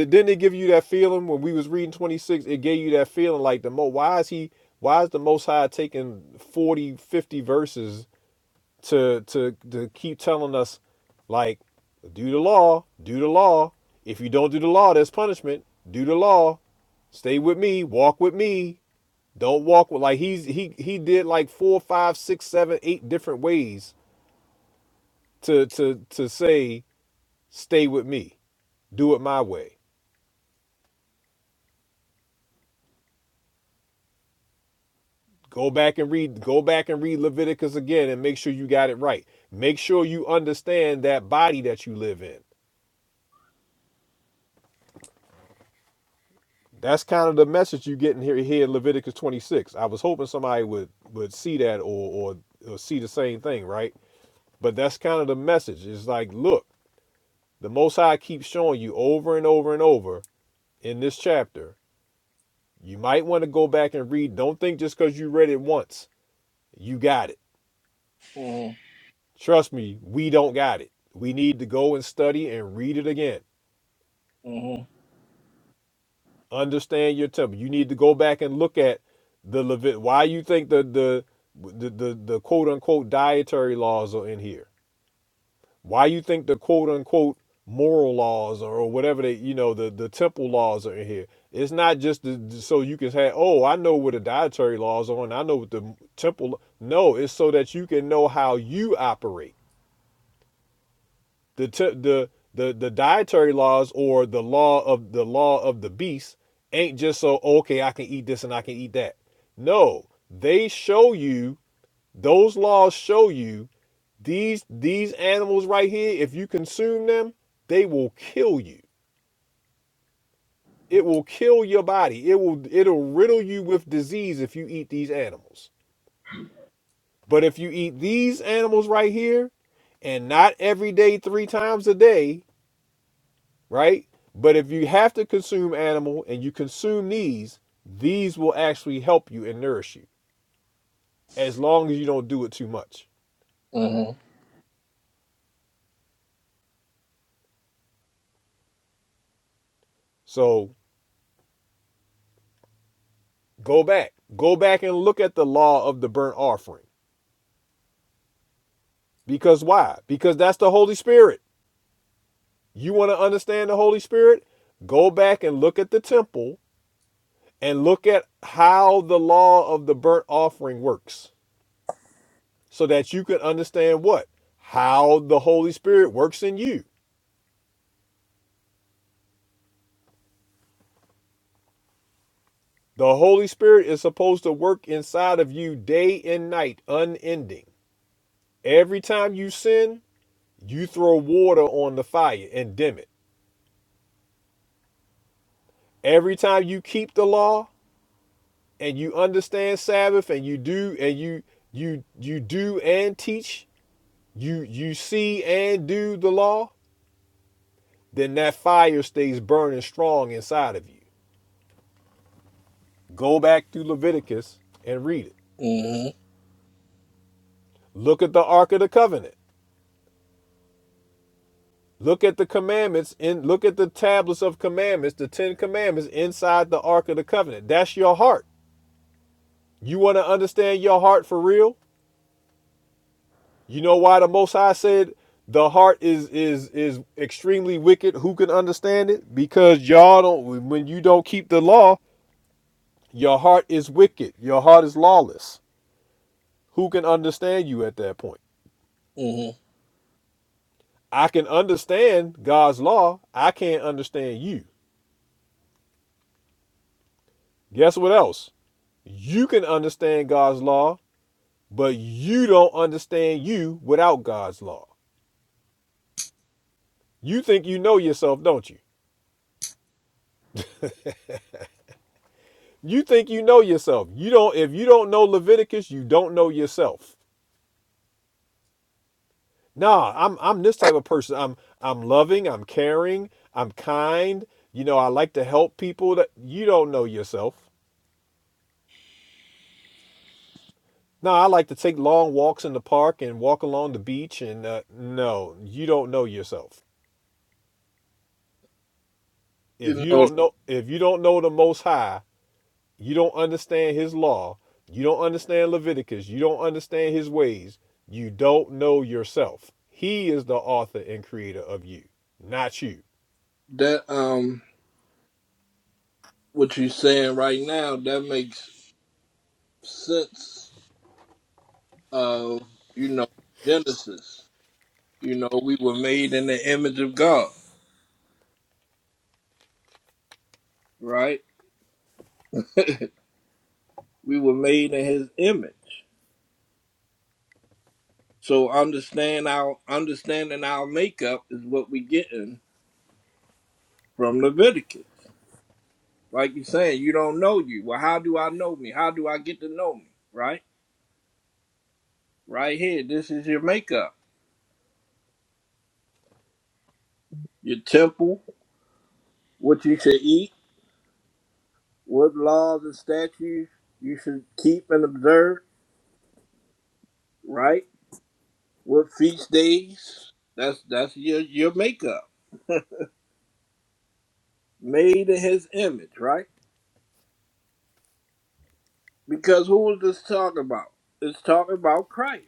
Speaker 1: didn't it give you that feeling when we was reading 26? It gave you that feeling like the mo why is he why is the Most High taking 40, 50 verses to to to keep telling us like do the law, do the law. If you don't do the law, there's punishment. Do the law. Stay with me, walk with me, don't walk with like he's he he did like four, five, six, seven, eight different ways to to to say stay with me, do it my way. Go back and read go back and read Leviticus again and make sure you got it right. Make sure you understand that body that you live in. That's kind of the message you get in here here in Leviticus 26. I was hoping somebody would would see that or or, or see the same thing, right? But that's kind of the message. It's like, look, the Most High keeps showing you over and over and over in this chapter You might want to go back and read. Don't think just because you read it once, you got it.
Speaker 4: Mm-hmm.
Speaker 1: Trust me, we don't got it. We need to go and study and read it again.
Speaker 4: Mm-hmm.
Speaker 1: Understand your temple. You need to go back and look at the Levit. Why you think the the the the, the quote unquote dietary laws are in here? Why you think the quote unquote moral laws or, or whatever they you know the the temple laws are in here? It's not just the, so you can say, oh, I know what the dietary laws are, and I know what the temple. No, it's so that you can know how you operate. The te- the the the dietary laws or the law of the law of the beast ain't just so okay. I can eat this and I can eat that. No, they show you those laws show you these these animals right here, if you consume them, they will kill you. It will kill your body. It will it'll riddle you with disease if you eat these animals. But if you eat these animals right here and not every day 3 times a day, right? But if you have to consume animal and you consume these, these will actually help you and nourish you as long as you don't do it too much.
Speaker 4: Mm-hmm.
Speaker 1: So, go back. Go back and look at the law of the burnt offering Because why? Because that's the Holy Spirit. You want to understand the Holy Spirit? Go back and look at the temple and look at how the law of the burnt offering works so that you can understand what? How the Holy Spirit works in you. The Holy Spirit is supposed to work inside of you day and night, unending. Every time you sin, you throw water on the fire and dim it. Every time you keep the law, and you understand Sabbath and you do and you you you do and teach, you you see and do the law, then that fire stays burning strong inside of you. Go back to Leviticus and read it.
Speaker 4: Mm-hmm.
Speaker 1: Look at the Ark of the Covenant. Look at the commandments and look at the tablets of commandments, the Ten Commandments inside the Ark of the Covenant. That's your heart. You want to understand your heart for real? You know why the Most High said the heart is is is extremely wicked. Who can understand it? Because y'all don't. When you don't keep the law, your heart is wicked. Your heart is lawless. Who can understand you at that point?
Speaker 4: Mm-hmm.
Speaker 1: I can understand God's law. I can't understand you. Guess what else? You can understand God's law, but you don't understand you without God's law. You think you know yourself, don't you? You think you know yourself. You don't if you don't know Leviticus, you don't know yourself. Nah, I'm I'm this type of person. I'm I'm loving, I'm caring, I'm kind. You know, I like to help people that you don't know yourself. No, I like to take long walks in the park and walk along the beach and uh, no, you don't know yourself. If
Speaker 4: You
Speaker 1: you
Speaker 4: know
Speaker 1: don't know if you don't know the most high, You don't understand his law. You don't understand Leviticus. You don't understand his ways. You don't know yourself. He is the author and creator of you, not you.
Speaker 4: that um what you're saying right now, that makes sense of, you know, Genesis. You know, we were made in the image of God, right? we were made in his image. So understand our understanding our makeup is what we getting from Leviticus. Like you're saying, you don't know you. Well, how do I know me? How do I get to know me? Right? Right here. This is your makeup, your temple, what you should eat, what laws and statutes you should keep and observe, right? What feast days. That's that's your, your makeup. Made in his image, right? Because who is this talking about? It's talking about Christ.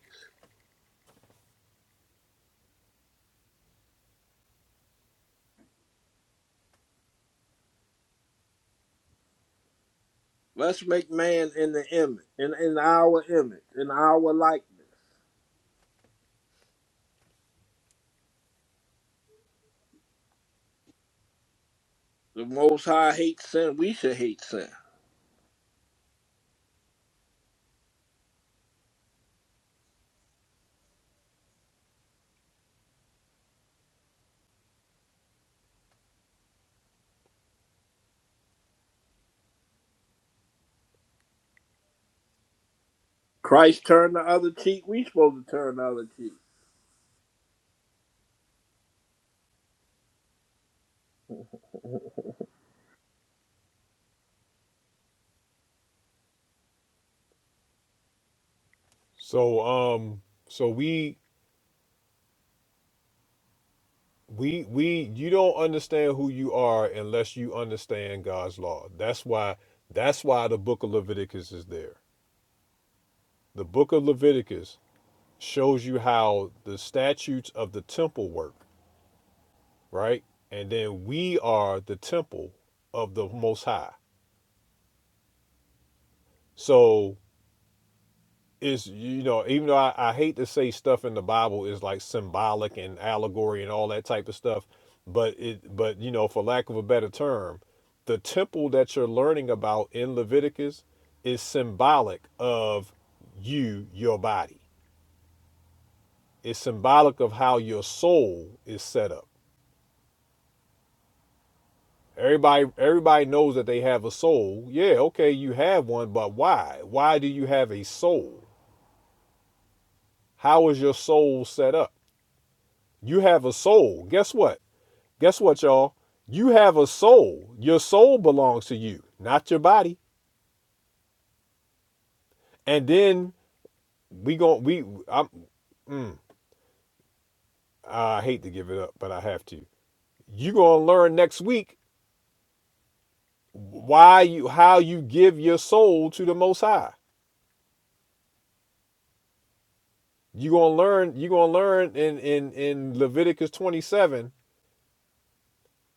Speaker 4: Let's make man in the image, in, in our image, in our likeness. The Most High hates sin. We should hate sin. Christ turned the other cheek. We supposed to turn the other cheek.
Speaker 1: So um so we we we you don't understand who you are unless you understand God's law. That's why that's why the book of Leviticus is there. The book of Leviticus shows you how the statutes of the temple work, right? And then we are the temple of the most high So it's you know, even though I, I hate to say stuff in the Bible is like symbolic and allegory and all that type of stuff, but it but you know, for lack of a better term, the temple that you're learning about in Leviticus is symbolic of you, your body. It's symbolic of how your soul is set up. Everybody everybody knows that they have a soul. Yeah, okay, you have one, but why? Why do you have a soul? How is your soul set up? You have a soul. Guess what? Guess what, y'all? You have a soul. Your soul belongs to you, not your body. And then we gon' we I'm mm, I hate to give it up, but I have to. You gonna learn next week why you how you give your soul to the Most High. You gonna learn. You gonna learn in in in Leviticus 27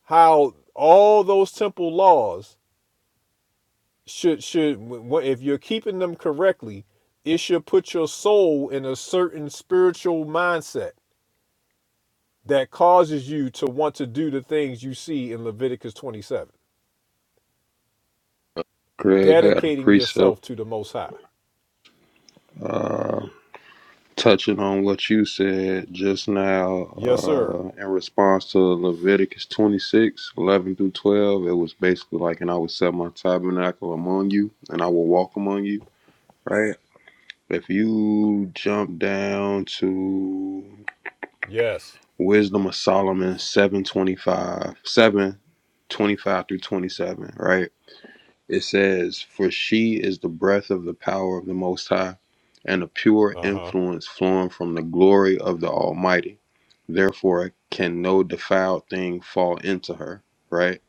Speaker 1: how all those temple laws should should if you're keeping them correctly, it should put your soul in a certain spiritual mindset that causes you to want to do the things you see in Leviticus 27,
Speaker 8: Greg, I got a
Speaker 1: dedicating
Speaker 8: precept
Speaker 1: yourself to the Most High.
Speaker 8: uh, touching on what you said just now
Speaker 1: Yes, sir.
Speaker 8: uh, in response to Leviticus 26:11 through 12. It was basically like, and I would set my tabernacle among you, and I will walk among you, right? If you jump down to
Speaker 1: Yes.
Speaker 8: Wisdom of Solomon 725, 7:25 through 27, right? It says, For she is the breath of the power of the Most High, and a pure
Speaker 1: Uh huh.
Speaker 8: influence flowing from the glory of the Almighty. Therefore, can no defiled thing fall into her, right?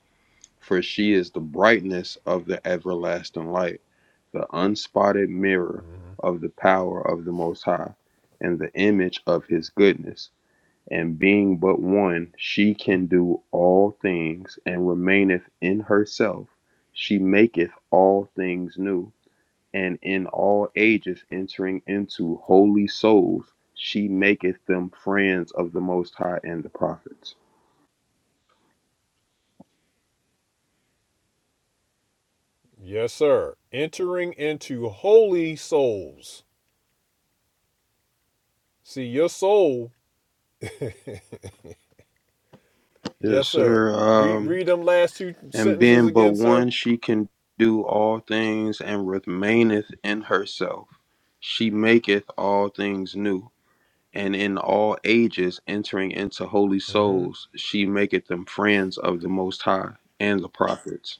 Speaker 8: For she is the brightness of the everlasting light, the unspotted mirror of the power of the Most High, and the image of his goodness and being but one, she can do all things, and remaineth in herself. She maketh all things new, and in all ages entering into holy souls, she maketh them friends of the Most High and the prophets.
Speaker 1: Yes, sir. Entering into holy souls. See your soul.
Speaker 8: Yes,
Speaker 1: Yes, sir.
Speaker 8: sir.
Speaker 1: Read
Speaker 8: Um,
Speaker 1: read them last two
Speaker 8: and
Speaker 1: sentences
Speaker 8: being but
Speaker 1: again, sir.
Speaker 8: one, she can do all things, and remaineth in herself. She maketh all things new and in all ages entering into holy
Speaker 1: Mm-hmm.
Speaker 8: souls, she maketh them friends of the Most High and the prophets.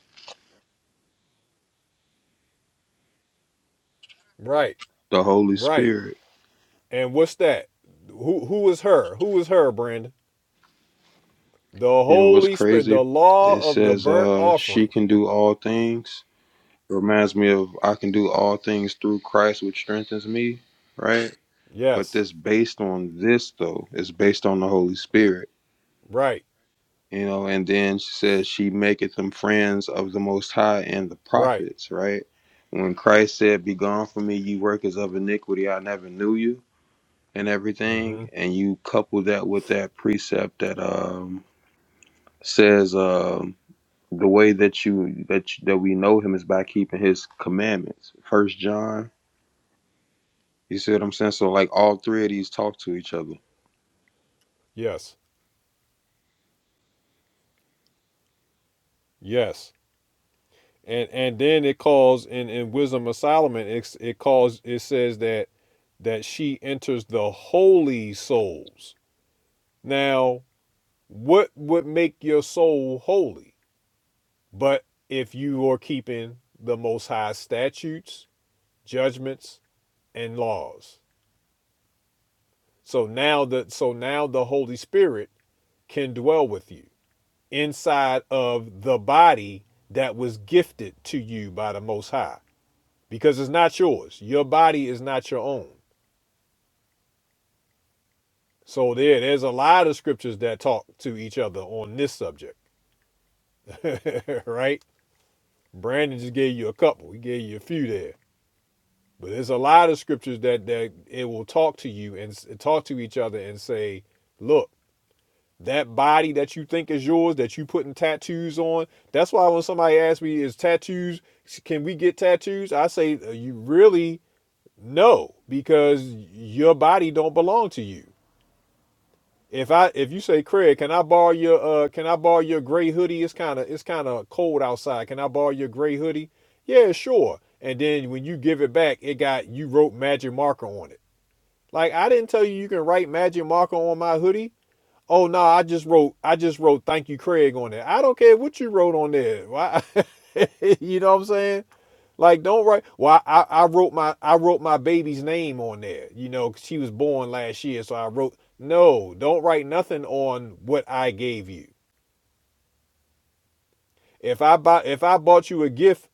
Speaker 1: Right.
Speaker 8: The Holy
Speaker 1: Right.
Speaker 8: Spirit.
Speaker 1: And what's that? Who who is her? Who is her, Brandon? The
Speaker 8: You know what's
Speaker 1: Holy Spirit,
Speaker 8: crazy?
Speaker 1: the law
Speaker 8: It
Speaker 1: of the
Speaker 8: says
Speaker 1: burnt
Speaker 8: uh she
Speaker 1: offering.
Speaker 8: can do all things. Reminds me of I can do all things through Christ which strengthens me, right? But
Speaker 1: Yes.
Speaker 8: this based on this though, it's based on the Holy Spirit
Speaker 1: Right.
Speaker 8: you know and then she says she maketh them friends of the most high and the
Speaker 1: Right.
Speaker 8: prophets right when christ said be gone from me you workers of iniquity i never knew you and
Speaker 1: hmm
Speaker 8: everything and you couple that with that precept that um says um the way that you that you, that we know him is by keeping his commandments first john you see what i'm saying so like all three of these talk to each other
Speaker 1: Yes. Yes. And and then it calls in, in Wisdom of Solomon, It it calls it says that that she enters the holy souls. Now, what would make your soul holy? But if you are keeping the most high statutes, judgments, and laws. So now the so now the Holy Spirit can dwell with you inside of the body that was gifted to you by the Most High because it's not yours. Your body is not your own. So there there's a lot of scriptures that talk to each other on this subject. right? Brandon just gave you a couple. He gave you a few there. But there's a lot of scriptures that that it will talk to you and s- talk to each other and say, "Look, that body that you think is yours that you putting tattoos on that's why when somebody asks me is tattoos can we get tattoos i say "Uh, you really no because your body don't belong to you if i if you say craig can i borrow your uh can i borrow your gray hoodie it's kind of it's kind of cold outside can i borrow your gray hoodie yeah sure and then when you give it back it got you wrote magic marker on it like i didn't tell you you can write magic marker on my hoodie Oh no, I just wrote I just wrote thank you Craig on there. I don't care what you wrote on there. Why you know what I'm saying? Like don't write well, I, I wrote my I wrote my baby's name on there, you know, 'cause she was born last year. So I wrote no, don't write nothing on what I gave you. If I buy if I bought you a gift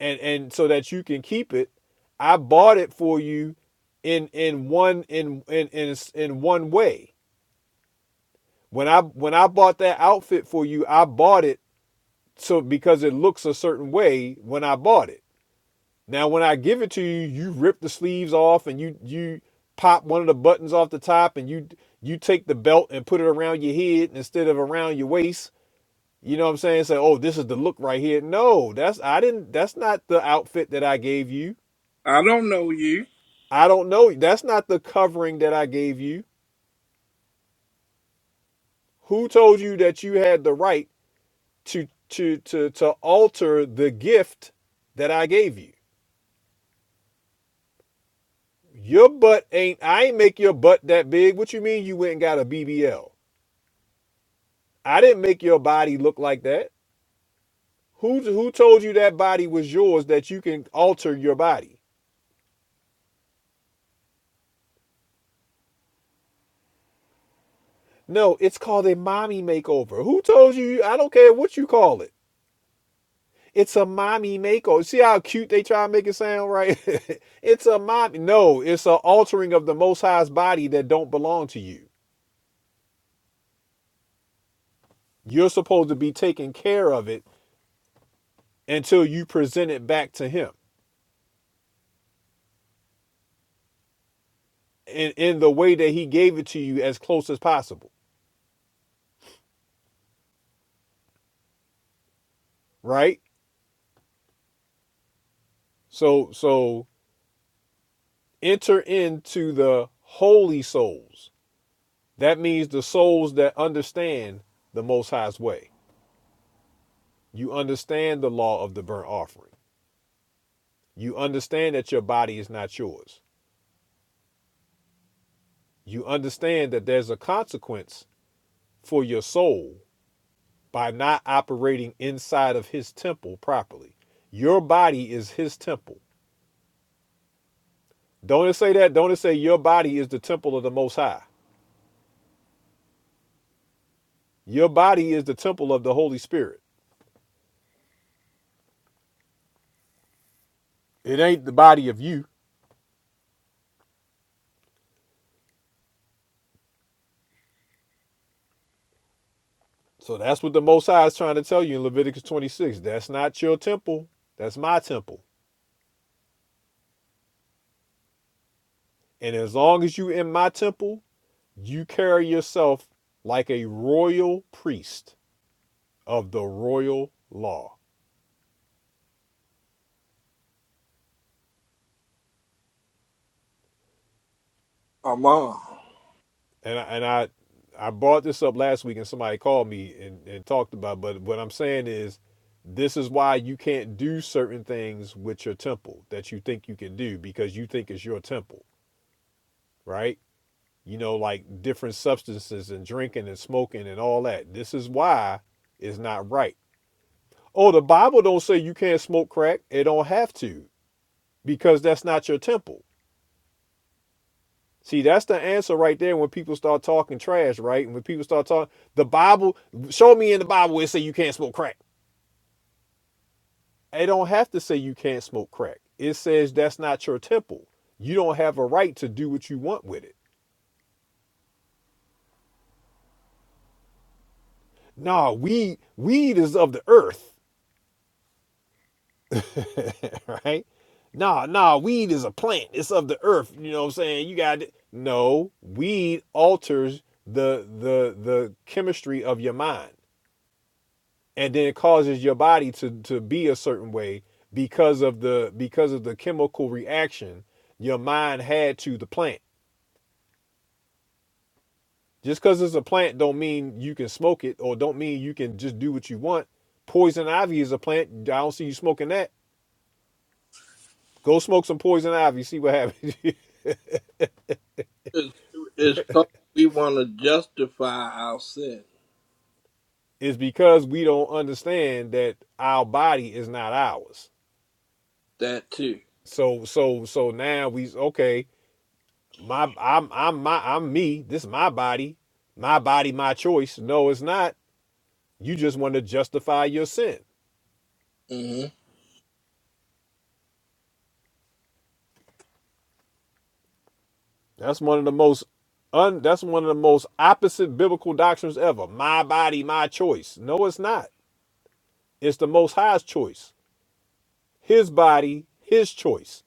Speaker 1: and and so that you can keep it, I bought it for you in in one in in in in one way. When I when I bought that outfit for you, I bought it so because it looks a certain way when I bought it. Now when I give it to you, you rip the sleeves off and you you pop one of the buttons off the top and you you take the belt and put it around your head instead of around your waist. You know what I'm saying? Say, oh, this is the look right here. No, that's I didn't that's not the outfit that I gave you.
Speaker 4: I don't know you.
Speaker 1: I don't know. That's not the covering that I gave you. Who told you that you had the right to to to to alter the gift that I gave you? Your butt ain't. I ain't make your butt that big. What you mean you went and got a BBL? I didn't make your body look like that. Who who told you that body was yours that you can alter your body? No, it's called a mommy makeover. Who told you? I don't care what you call it. It's a mommy makeover. See how cute they try to make it sound, right? it's a mommy. No, it's an altering of the Most High's body that don't belong to you. You're supposed to be taking care of it until you present it back to Him. in in the way that he gave it to you as close as possible right so so enter into the holy souls that means the souls that understand the most high's way you understand the law of the burnt offering you understand that your body is not yours you understand that there's a consequence for your soul by not operating inside of his temple properly your body is his temple don't it say that don't it say your body is the temple of the most high Your body is the temple of the Holy Spirit. It ain't the body of you. So that's what the Most High is trying to tell you in Leviticus 26. That's not your temple. That's my temple. And as long as you are in my temple, you carry yourself like a royal priest of the royal law.
Speaker 4: Allah.
Speaker 1: And I, and I I brought this up last week and somebody called me and, and talked about, it, but what I'm saying is this is why you can't do certain things with your temple that you think you can do because you think it's your temple, right? you know, like different substances and drinking and smoking and all that. This is why it's not right. Oh, the Bible don't say you can't smoke crack. It don't have to because that's not your temple. See, that's the answer right there when people start talking trash, right? And when people start talking, the Bible, show me in the Bible where it say you can't smoke crack. It don't have to say you can't smoke crack. It says that's not your temple. You don't have a right to do what you want with it. Nah, weed, weed is of the earth right? Nah, nah, weed is a plant. It's of the earth. You know what I'm saying? You got it. No, weed alters the the the chemistry of your mind. And then it causes your body to to be a certain way because of the because of the chemical reaction your mind had to the plant. Just because it's a plant don't mean you can smoke it or don't mean you can just do what you want. Poison ivy is a plant. I don't see you smoking that. Go smoke some poison ivy, see what happens.
Speaker 4: It's, it's called we want to justify our sin.
Speaker 1: is because we don't understand that our body is not ours.
Speaker 4: That too.
Speaker 1: So so so now we okay, my I'm I'm my I'm me. This is my body. My body, my choice. No, it's not. You just want to justify your sin.
Speaker 4: hmm
Speaker 1: That's one of the most un that's one of the most opposite biblical doctrines ever. My body, my choice. No, it's not. It's the most high's choice. His body, his choice.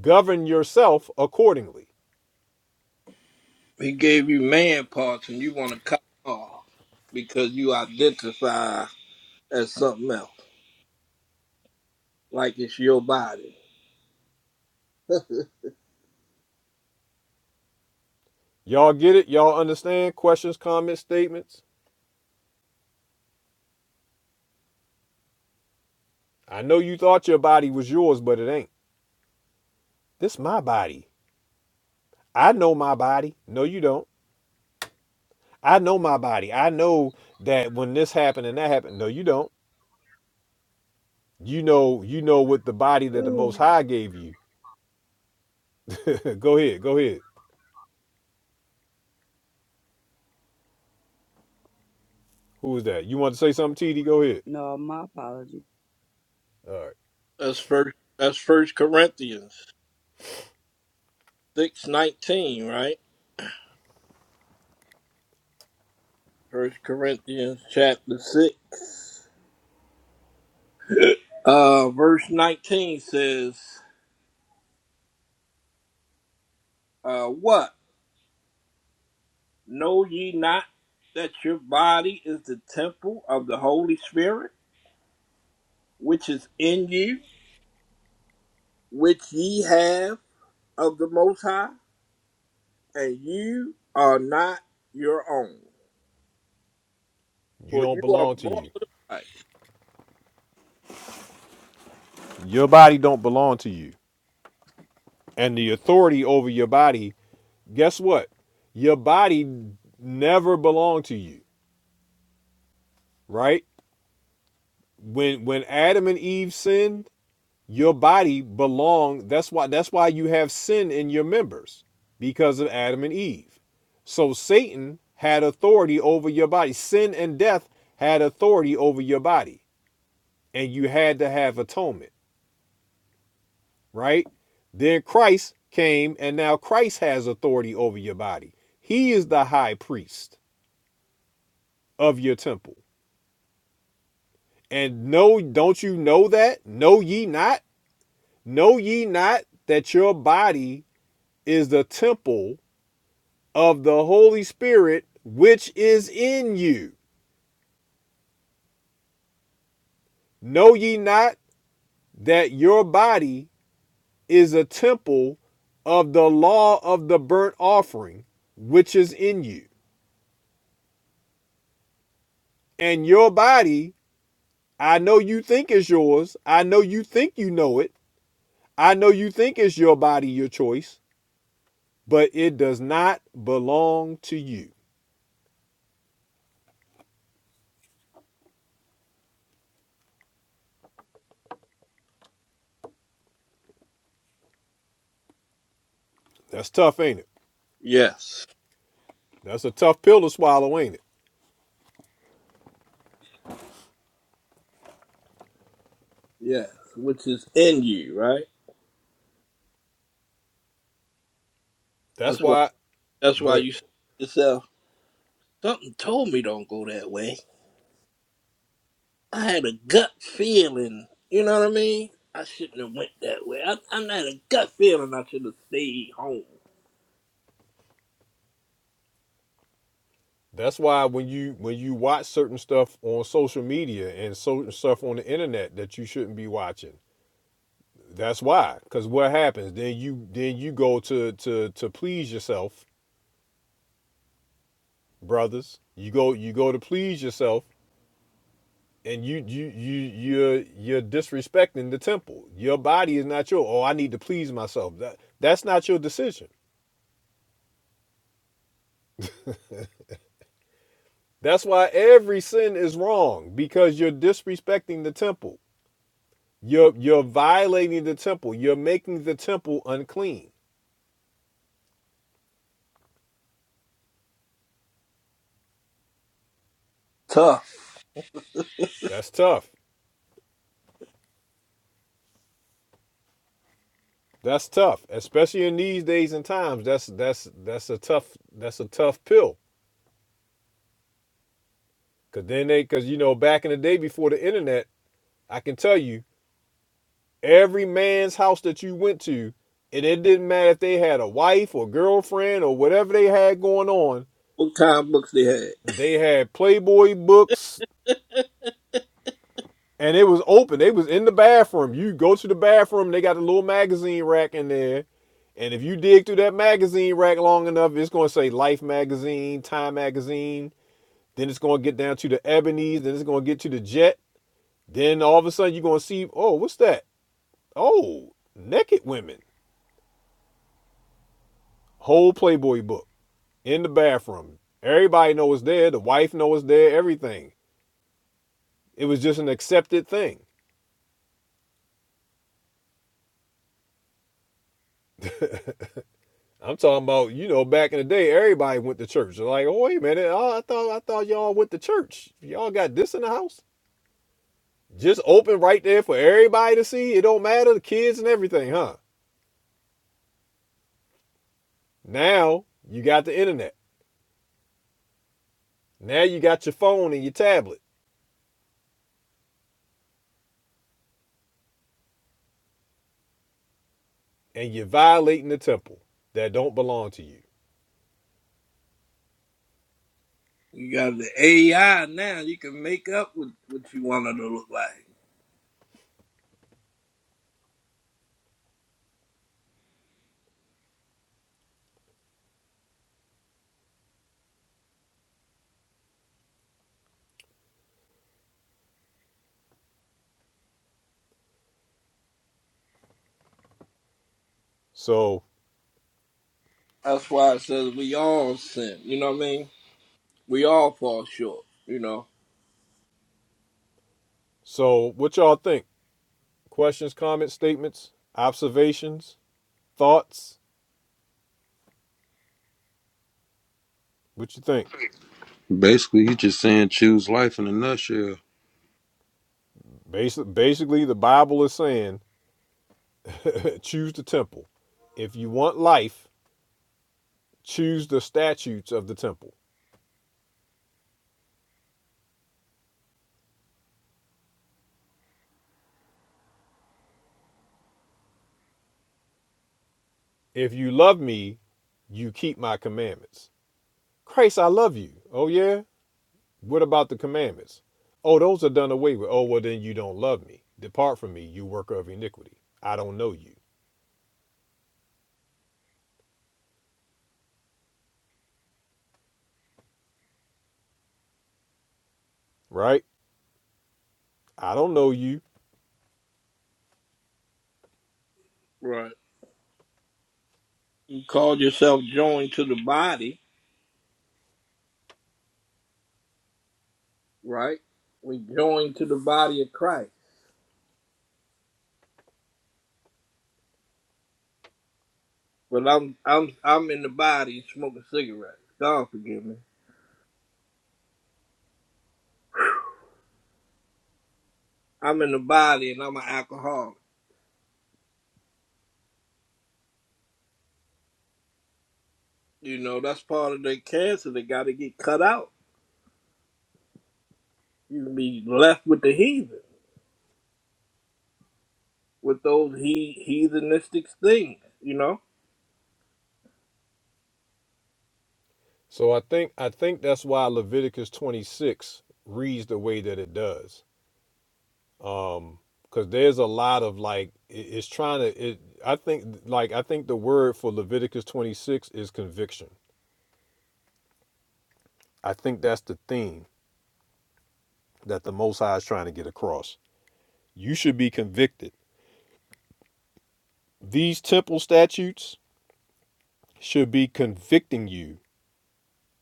Speaker 1: Govern yourself accordingly.
Speaker 4: He gave you man parts and you want to cut them off because you identify as something else, like it's your body.
Speaker 1: Y'all get it? Y'all understand? Questions, comments, statements? I know you thought your body was yours, but it ain't. This my body. I know my body. No, you don't. I know my body. I know that when this happened and that happened. No, you don't. You know, you know what the body that the
Speaker 5: Ooh.
Speaker 1: most high gave you. go ahead, go ahead. Who was that? You want to say something, TD? Go ahead.
Speaker 5: no, my apologies.
Speaker 1: All right.
Speaker 4: That's first. That's First Corinthians six nineteen, right? First Corinthians chapter six. Uh, verse 19 says, uh, What? Know ye not that your body is the temple of the Holy Spirit, which is in you, which ye have of the Most High, and you are not your own?
Speaker 1: You
Speaker 4: For
Speaker 1: don't
Speaker 4: you are
Speaker 1: belong to
Speaker 4: bought
Speaker 1: you.
Speaker 4: with a price.
Speaker 1: Your body don't belong to you. And the authority over your body, guess what? Your body never belonged to you right? When when Adam and Eve sinned, your body belonged. That's why that's why you have sin in your members because of Adam and Eve. So Satan had authority over your body. Sin and death had authority over your body, and you had to have atonement, right? Then Christ came, and now Christ has authority over your body. He is the high priest of your temple. And no, don't you know that? Know ye not? Know ye not that your body is the temple of the Holy Spirit which is in you? Know ye not that your body is a temple of the law of the burnt offering which is in you? And your body, I know you think is yours. I know you think you know it. I know you think it's your body, your choice, but it does not belong to you. That's tough, ain't it?
Speaker 4: Yes,
Speaker 1: That's a tough pill to swallow, ain't it?
Speaker 4: yes, which is in you, right?
Speaker 1: That's
Speaker 4: That's why.
Speaker 1: why
Speaker 4: That's why
Speaker 1: Good.
Speaker 4: you say to yourself, something told me don't go that way. I had a gut feeling. You know what I mean? I shouldn't have went that way. I, I had a gut feeling I should have stayed home.
Speaker 1: That's why when you when you watch certain stuff on social media and certain stuff on the internet that you shouldn't be watching. That's why. Cause what happens? Then you then you go to to to please yourself, brothers. You go you go to please yourself and you you you you're you're disrespecting the temple. Your body is not your oh I need to please myself. That that's not your decision. That's why every sin is wrong because you're disrespecting the temple. You're you're violating the temple. You're making the temple unclean.
Speaker 4: Tough.
Speaker 1: That's tough. That's tough, especially in these days and times. That's that's that's a tough that's a tough pill. Cause then they cause you know back in the day before the internet, I can tell you every man's house that you went to, and it didn't matter if they had a wife or girlfriend or whatever they had going on.
Speaker 4: What kind of books they had?
Speaker 1: They had Playboy books, and it was open. They was in the bathroom. You go to the bathroom, they got a little magazine rack in there And if you dig through that magazine rack long enough, it's going to say Life Magazine, Time Magazine. Then it's going to get down to the Ebony's. Then it's going to get to the Jet. Then all of a sudden, you're going to see, oh, what's that? Oh, Naked Women. Whole Playboy book in the bathroom. Everybody knows it's there. The wife knows it's there. Everything. It was just an accepted thing. I'm talking about, you know, back in the day, everybody went to church. They're like, oh, wait a minute. Oh, I thought I thought y'all went to church. Y'all got this in the house? Just open right there for everybody to see. It don't matter the kids and everything, huh? Now you got the internet. Now you got your phone and your tablet, and you're violating the temple that don't belong to you.
Speaker 4: You got the AI now. You can make up with what you want it to look like.
Speaker 1: So,
Speaker 4: That's why it says we all sin. You know what I mean? We all fall short. You know.
Speaker 1: so what y'all think? Questions, comments, statements, observations, thoughts. What you think?
Speaker 8: basically he's just saying choose life in a nutshell
Speaker 1: Basically, basically the Bible is saying, choose the temple. If you want life, choose the statutes of the temple. If you love me, you keep my commandments. Christ, I love you. Oh, yeah? What about the commandments? Oh, those are done away with. Oh, well, then you don't love me. Depart from me, you worker of iniquity. I don't know you, right? I don't know you.
Speaker 4: Right. You called yourself joined to the body. Right. We joined to the body of Christ. But I'm I'm I'm in the body smoking cigarettes. God forgive me. I'm in the body and I'm an alcoholic. You know, that's part of the cancer that got to get cut out. You be left with the heathen, with those he heathenistic things. You know,
Speaker 1: So I think I think that's why Leviticus 26 reads the way that it does. Um, because there's a lot of like it- it's trying to it I think like I think the word for Leviticus 26 is conviction. I think that's the theme that the Most High is trying to get across. You should be convicted These temple statutes should be convicting you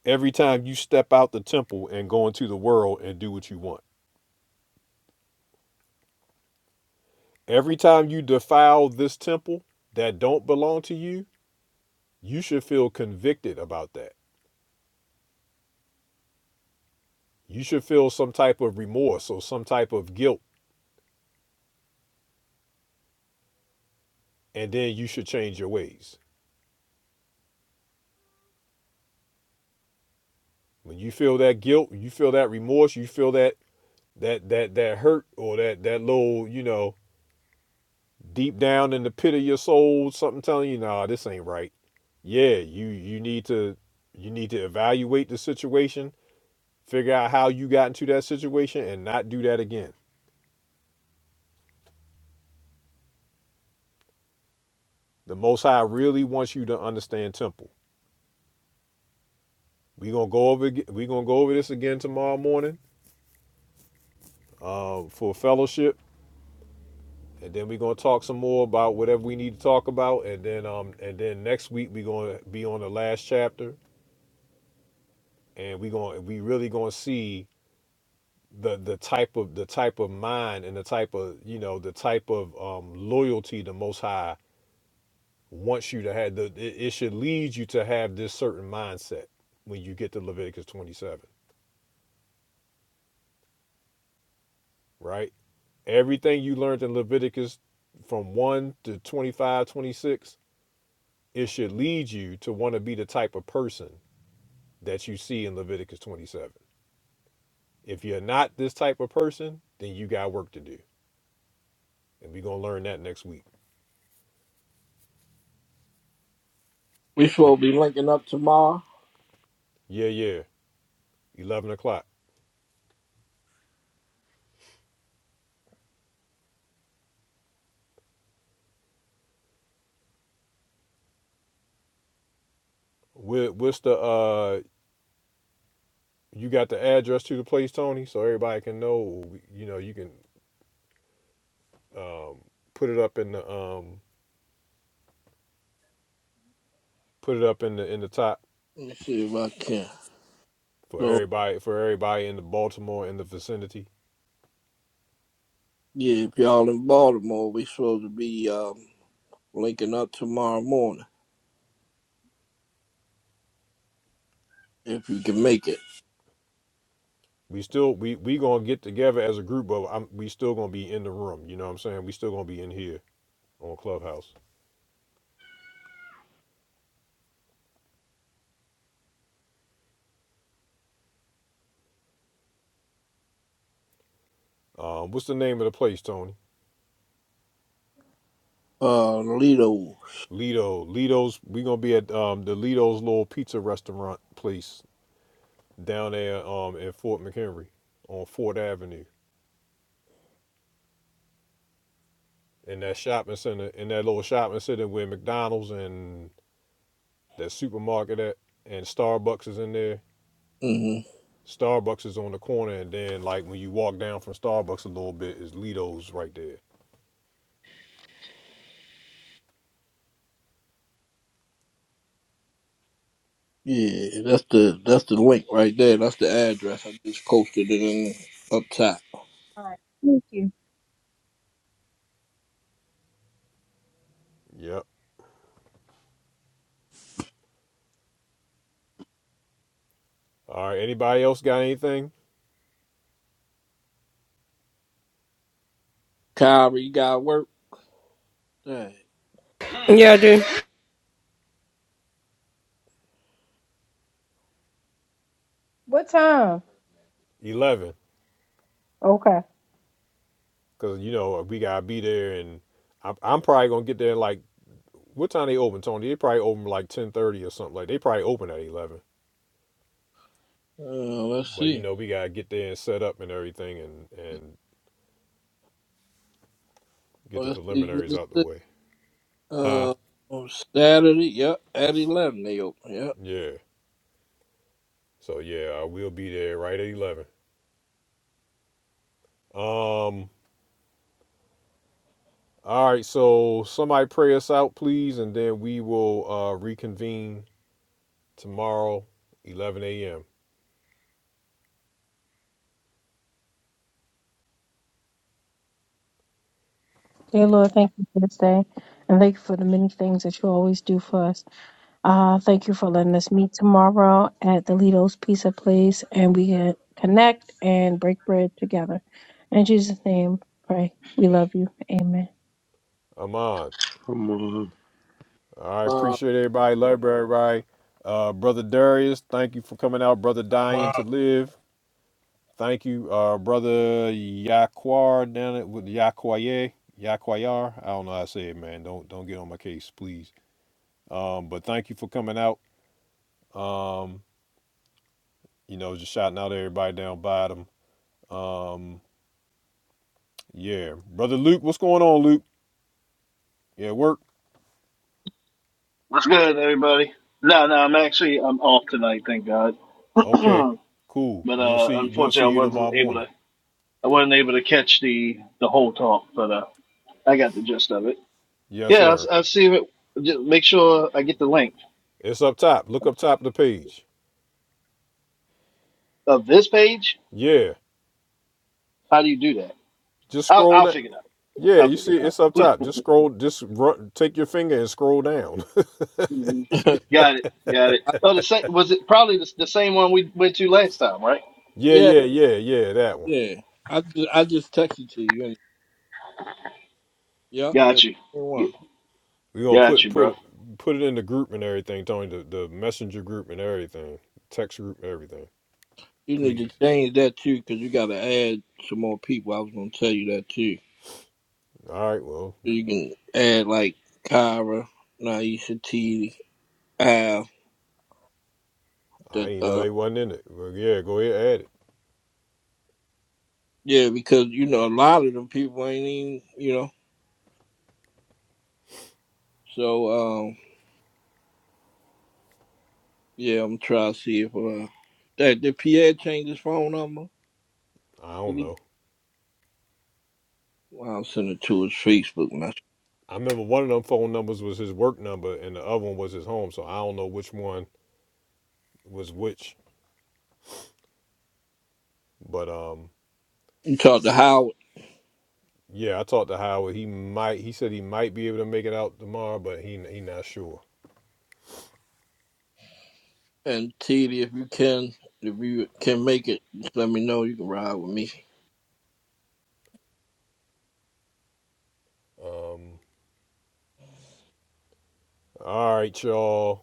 Speaker 1: every time you step out the temple and go into the world and do what you want. Every time you defile this temple that don't belong to you, you should feel convicted about that. You should feel some type of remorse or some type of guilt, and then you should change your ways. When you feel that guilt, you feel that remorse, you feel that that that that hurt or that that little, you know, deep down in the pit of your soul, something telling you, nah, this ain't right. Yeah, you you need to you need to evaluate the situation, figure out how you got into that situation, and not do that again. The Most High really wants you to understand temple. We gonna go over we gonna go over this again tomorrow morning um, for fellowship, and then we gonna talk some more about whatever we need to talk about, and then um and then next week we gonna be on the last chapter, and we gonna we really gonna see the the type of the type of mind and the type of you know the type of um, loyalty the Most High wants you to have. The, it, it should lead you to have this certain mindset when you get to Leviticus 27, right? Everything you learned in Leviticus from 1 to 25 26 it should lead you to want to be the type of person that you see in Leviticus 27. If you're not this type of person, then you got work to do. And we're going to learn that next week.
Speaker 4: we supposed to be linking up tomorrow.
Speaker 1: Yeah, yeah. 11 o'clock. What, what's the uh? You got the address to the place, Tony, so everybody can know. You know, you can um put it up in the um put it up in the in the top
Speaker 4: Let me see if I can.
Speaker 1: for
Speaker 4: So
Speaker 1: everybody for everybody in the Baltimore in the vicinity.
Speaker 4: yeah, if y'all in Baltimore, we supposed to be um, linking up tomorrow morning if you can make it.
Speaker 1: We still we we gonna get together as a group, but I'm, we still gonna be in the room. You know what I'm saying? We still gonna be in here on Clubhouse. Um, what's the name of the place, Tony?
Speaker 4: Uh, Lido.
Speaker 1: Lido. Lido's. We gonna be at um the Lido's little pizza restaurant place down there um in Fort McHenry on Fort Avenue. in that shopping center, in that little shopping center where McDonald's and that supermarket at, and Starbucks is in there.
Speaker 4: hmm
Speaker 1: Starbucks is on the corner, and then like when you walk down from Starbucks a little bit is Lido's right there.
Speaker 4: Yeah, that's the that's the link right there. That's the address. I just posted it in up top.
Speaker 7: All right. Thank you.
Speaker 1: Yep. All right. Anybody else got anything?
Speaker 4: Kyrie, you got work. Dang.
Speaker 9: Yeah, dude.
Speaker 7: What time?
Speaker 1: Eleven,
Speaker 7: Okay.
Speaker 1: because you know we gotta be there, and I'm, I'm probably gonna get there like what time they open, Tony? They probably open like ten thirty or something. Like they probably open at eleven.
Speaker 4: Uh, let's
Speaker 1: But you
Speaker 4: see.
Speaker 1: know we gotta get there and set up and everything, and and get the
Speaker 4: Let's see what
Speaker 1: preliminaries
Speaker 4: it
Speaker 1: out the
Speaker 4: says.
Speaker 1: way. Huh?
Speaker 4: Uh, on Saturday, yep, at eleven they open. Yep.
Speaker 1: Yeah. So yeah, I will be there right at eleven. Um. All right. So somebody pray us out, please, and then we will uh, reconvene tomorrow, eleven a.m.
Speaker 7: Dear Lord, thank you for this day. And thank you for the many things that you always do for us. Uh, thank you for letting us meet tomorrow at the Lido's Pizza Place and we can connect and break bread together. In Jesus' name, pray. We love you. Amen.
Speaker 1: I'm on.
Speaker 8: come on
Speaker 1: I
Speaker 4: Uh,
Speaker 1: appreciate everybody. Love everybody. Uh, brother Darius, thank you for coming out. Brother
Speaker 10: I'm
Speaker 1: Dying to Live, thank you. Uh, brother Yaquar down at with Yaquaye. Yaquayar. I don't know how to say it, man. Don't don't get on my case, please. Um, but thank you for coming out. Um, You know, just shouting out to everybody down bottom. Um, yeah, brother Luke, what's going on, Luke? Yeah, work.
Speaker 11: What's good, everybody? No, no, I'm actually I'm off tonight, thank God. but
Speaker 1: Okay, cool. We'll
Speaker 11: uh
Speaker 1: see. We'll see
Speaker 11: unfortunately, I
Speaker 1: you
Speaker 11: wasn't
Speaker 1: tomorrow
Speaker 11: able
Speaker 1: morning.
Speaker 11: to I wasn't able to catch the the whole talk, but uh I got the gist of it.
Speaker 1: Yes,
Speaker 11: Yeah,
Speaker 1: sir.
Speaker 11: I, I see it. Just make sure I get the link
Speaker 1: It's up top. Look up top of the page.
Speaker 11: of this page.
Speaker 1: Yeah,
Speaker 11: How do you do that?
Speaker 1: just
Speaker 11: I'll
Speaker 1: scroll
Speaker 11: I'll
Speaker 1: down.
Speaker 11: figure it out.
Speaker 1: Yeah,
Speaker 11: I'll
Speaker 1: you
Speaker 11: figure
Speaker 1: see, it's up
Speaker 11: it
Speaker 1: top.
Speaker 11: out.
Speaker 1: Just scroll. Just run, take your finger and scroll down.
Speaker 11: hmm Got it. Got it.
Speaker 4: I,
Speaker 11: Oh, the same was it probably the, the same one we went to last time, right?
Speaker 1: yeah,
Speaker 4: yeah,
Speaker 1: yeah, yeah, yeah. That one.
Speaker 4: yeah. I just, I just texted to you. And, yep,
Speaker 11: Got
Speaker 4: that's
Speaker 11: you.
Speaker 4: the one.
Speaker 1: We're gonna
Speaker 11: Got
Speaker 1: put
Speaker 11: you, bro.
Speaker 1: put put it in the group and everything, Tony. The the messenger group and everything, text group, and everything.
Speaker 4: You need to
Speaker 1: Please.
Speaker 4: change that too, cause you gotta add some more people. I was gonna tell you that too.
Speaker 1: All right. Well,
Speaker 4: So you can add like Kyra, Naisha T, Al.
Speaker 1: I
Speaker 4: That
Speaker 1: didn't know
Speaker 4: uh,
Speaker 1: they wasn't in it. But yeah, go ahead, add it.
Speaker 4: yeah, because you know a lot of them people ain't even you know. So um, Yeah, I'm trying to see if uh that did Pierre change his phone number?
Speaker 1: I
Speaker 4: Did
Speaker 1: don't
Speaker 4: he
Speaker 1: know.
Speaker 4: well, I'll send it to his Facebook message.
Speaker 1: I remember one of them phone numbers was his work number, and the other one was his home. So I don't know which one was which. But um,
Speaker 4: You talk to Howard
Speaker 1: yeah, I talked to Howard. He might. He said he might be able to make it out tomorrow, but he he not sure.
Speaker 4: and TD if you can if you can make it, just let me know you can ride with me.
Speaker 1: Um, All right, y'all.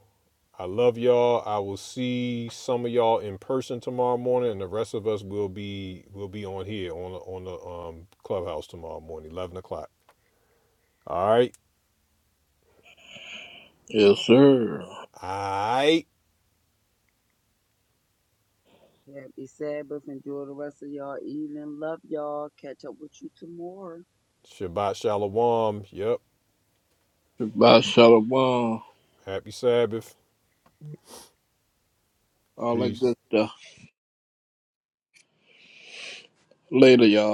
Speaker 1: I love y'all. I will see some of y'all in person tomorrow morning, and the rest of us will be will be on here on the, on the um, clubhouse tomorrow morning, eleven o'clock. All right.
Speaker 4: Yes, sir.
Speaker 1: All right.
Speaker 5: Happy Sabbath! enjoy the rest of y'all evening. Love y'all. Catch up with you tomorrow.
Speaker 1: Shabbat Shalom. Yep.
Speaker 4: Goodbye, Shalom. All
Speaker 1: Happy Sabbath.
Speaker 4: that
Speaker 1: Peace.
Speaker 4: good stuff. Later, y'all.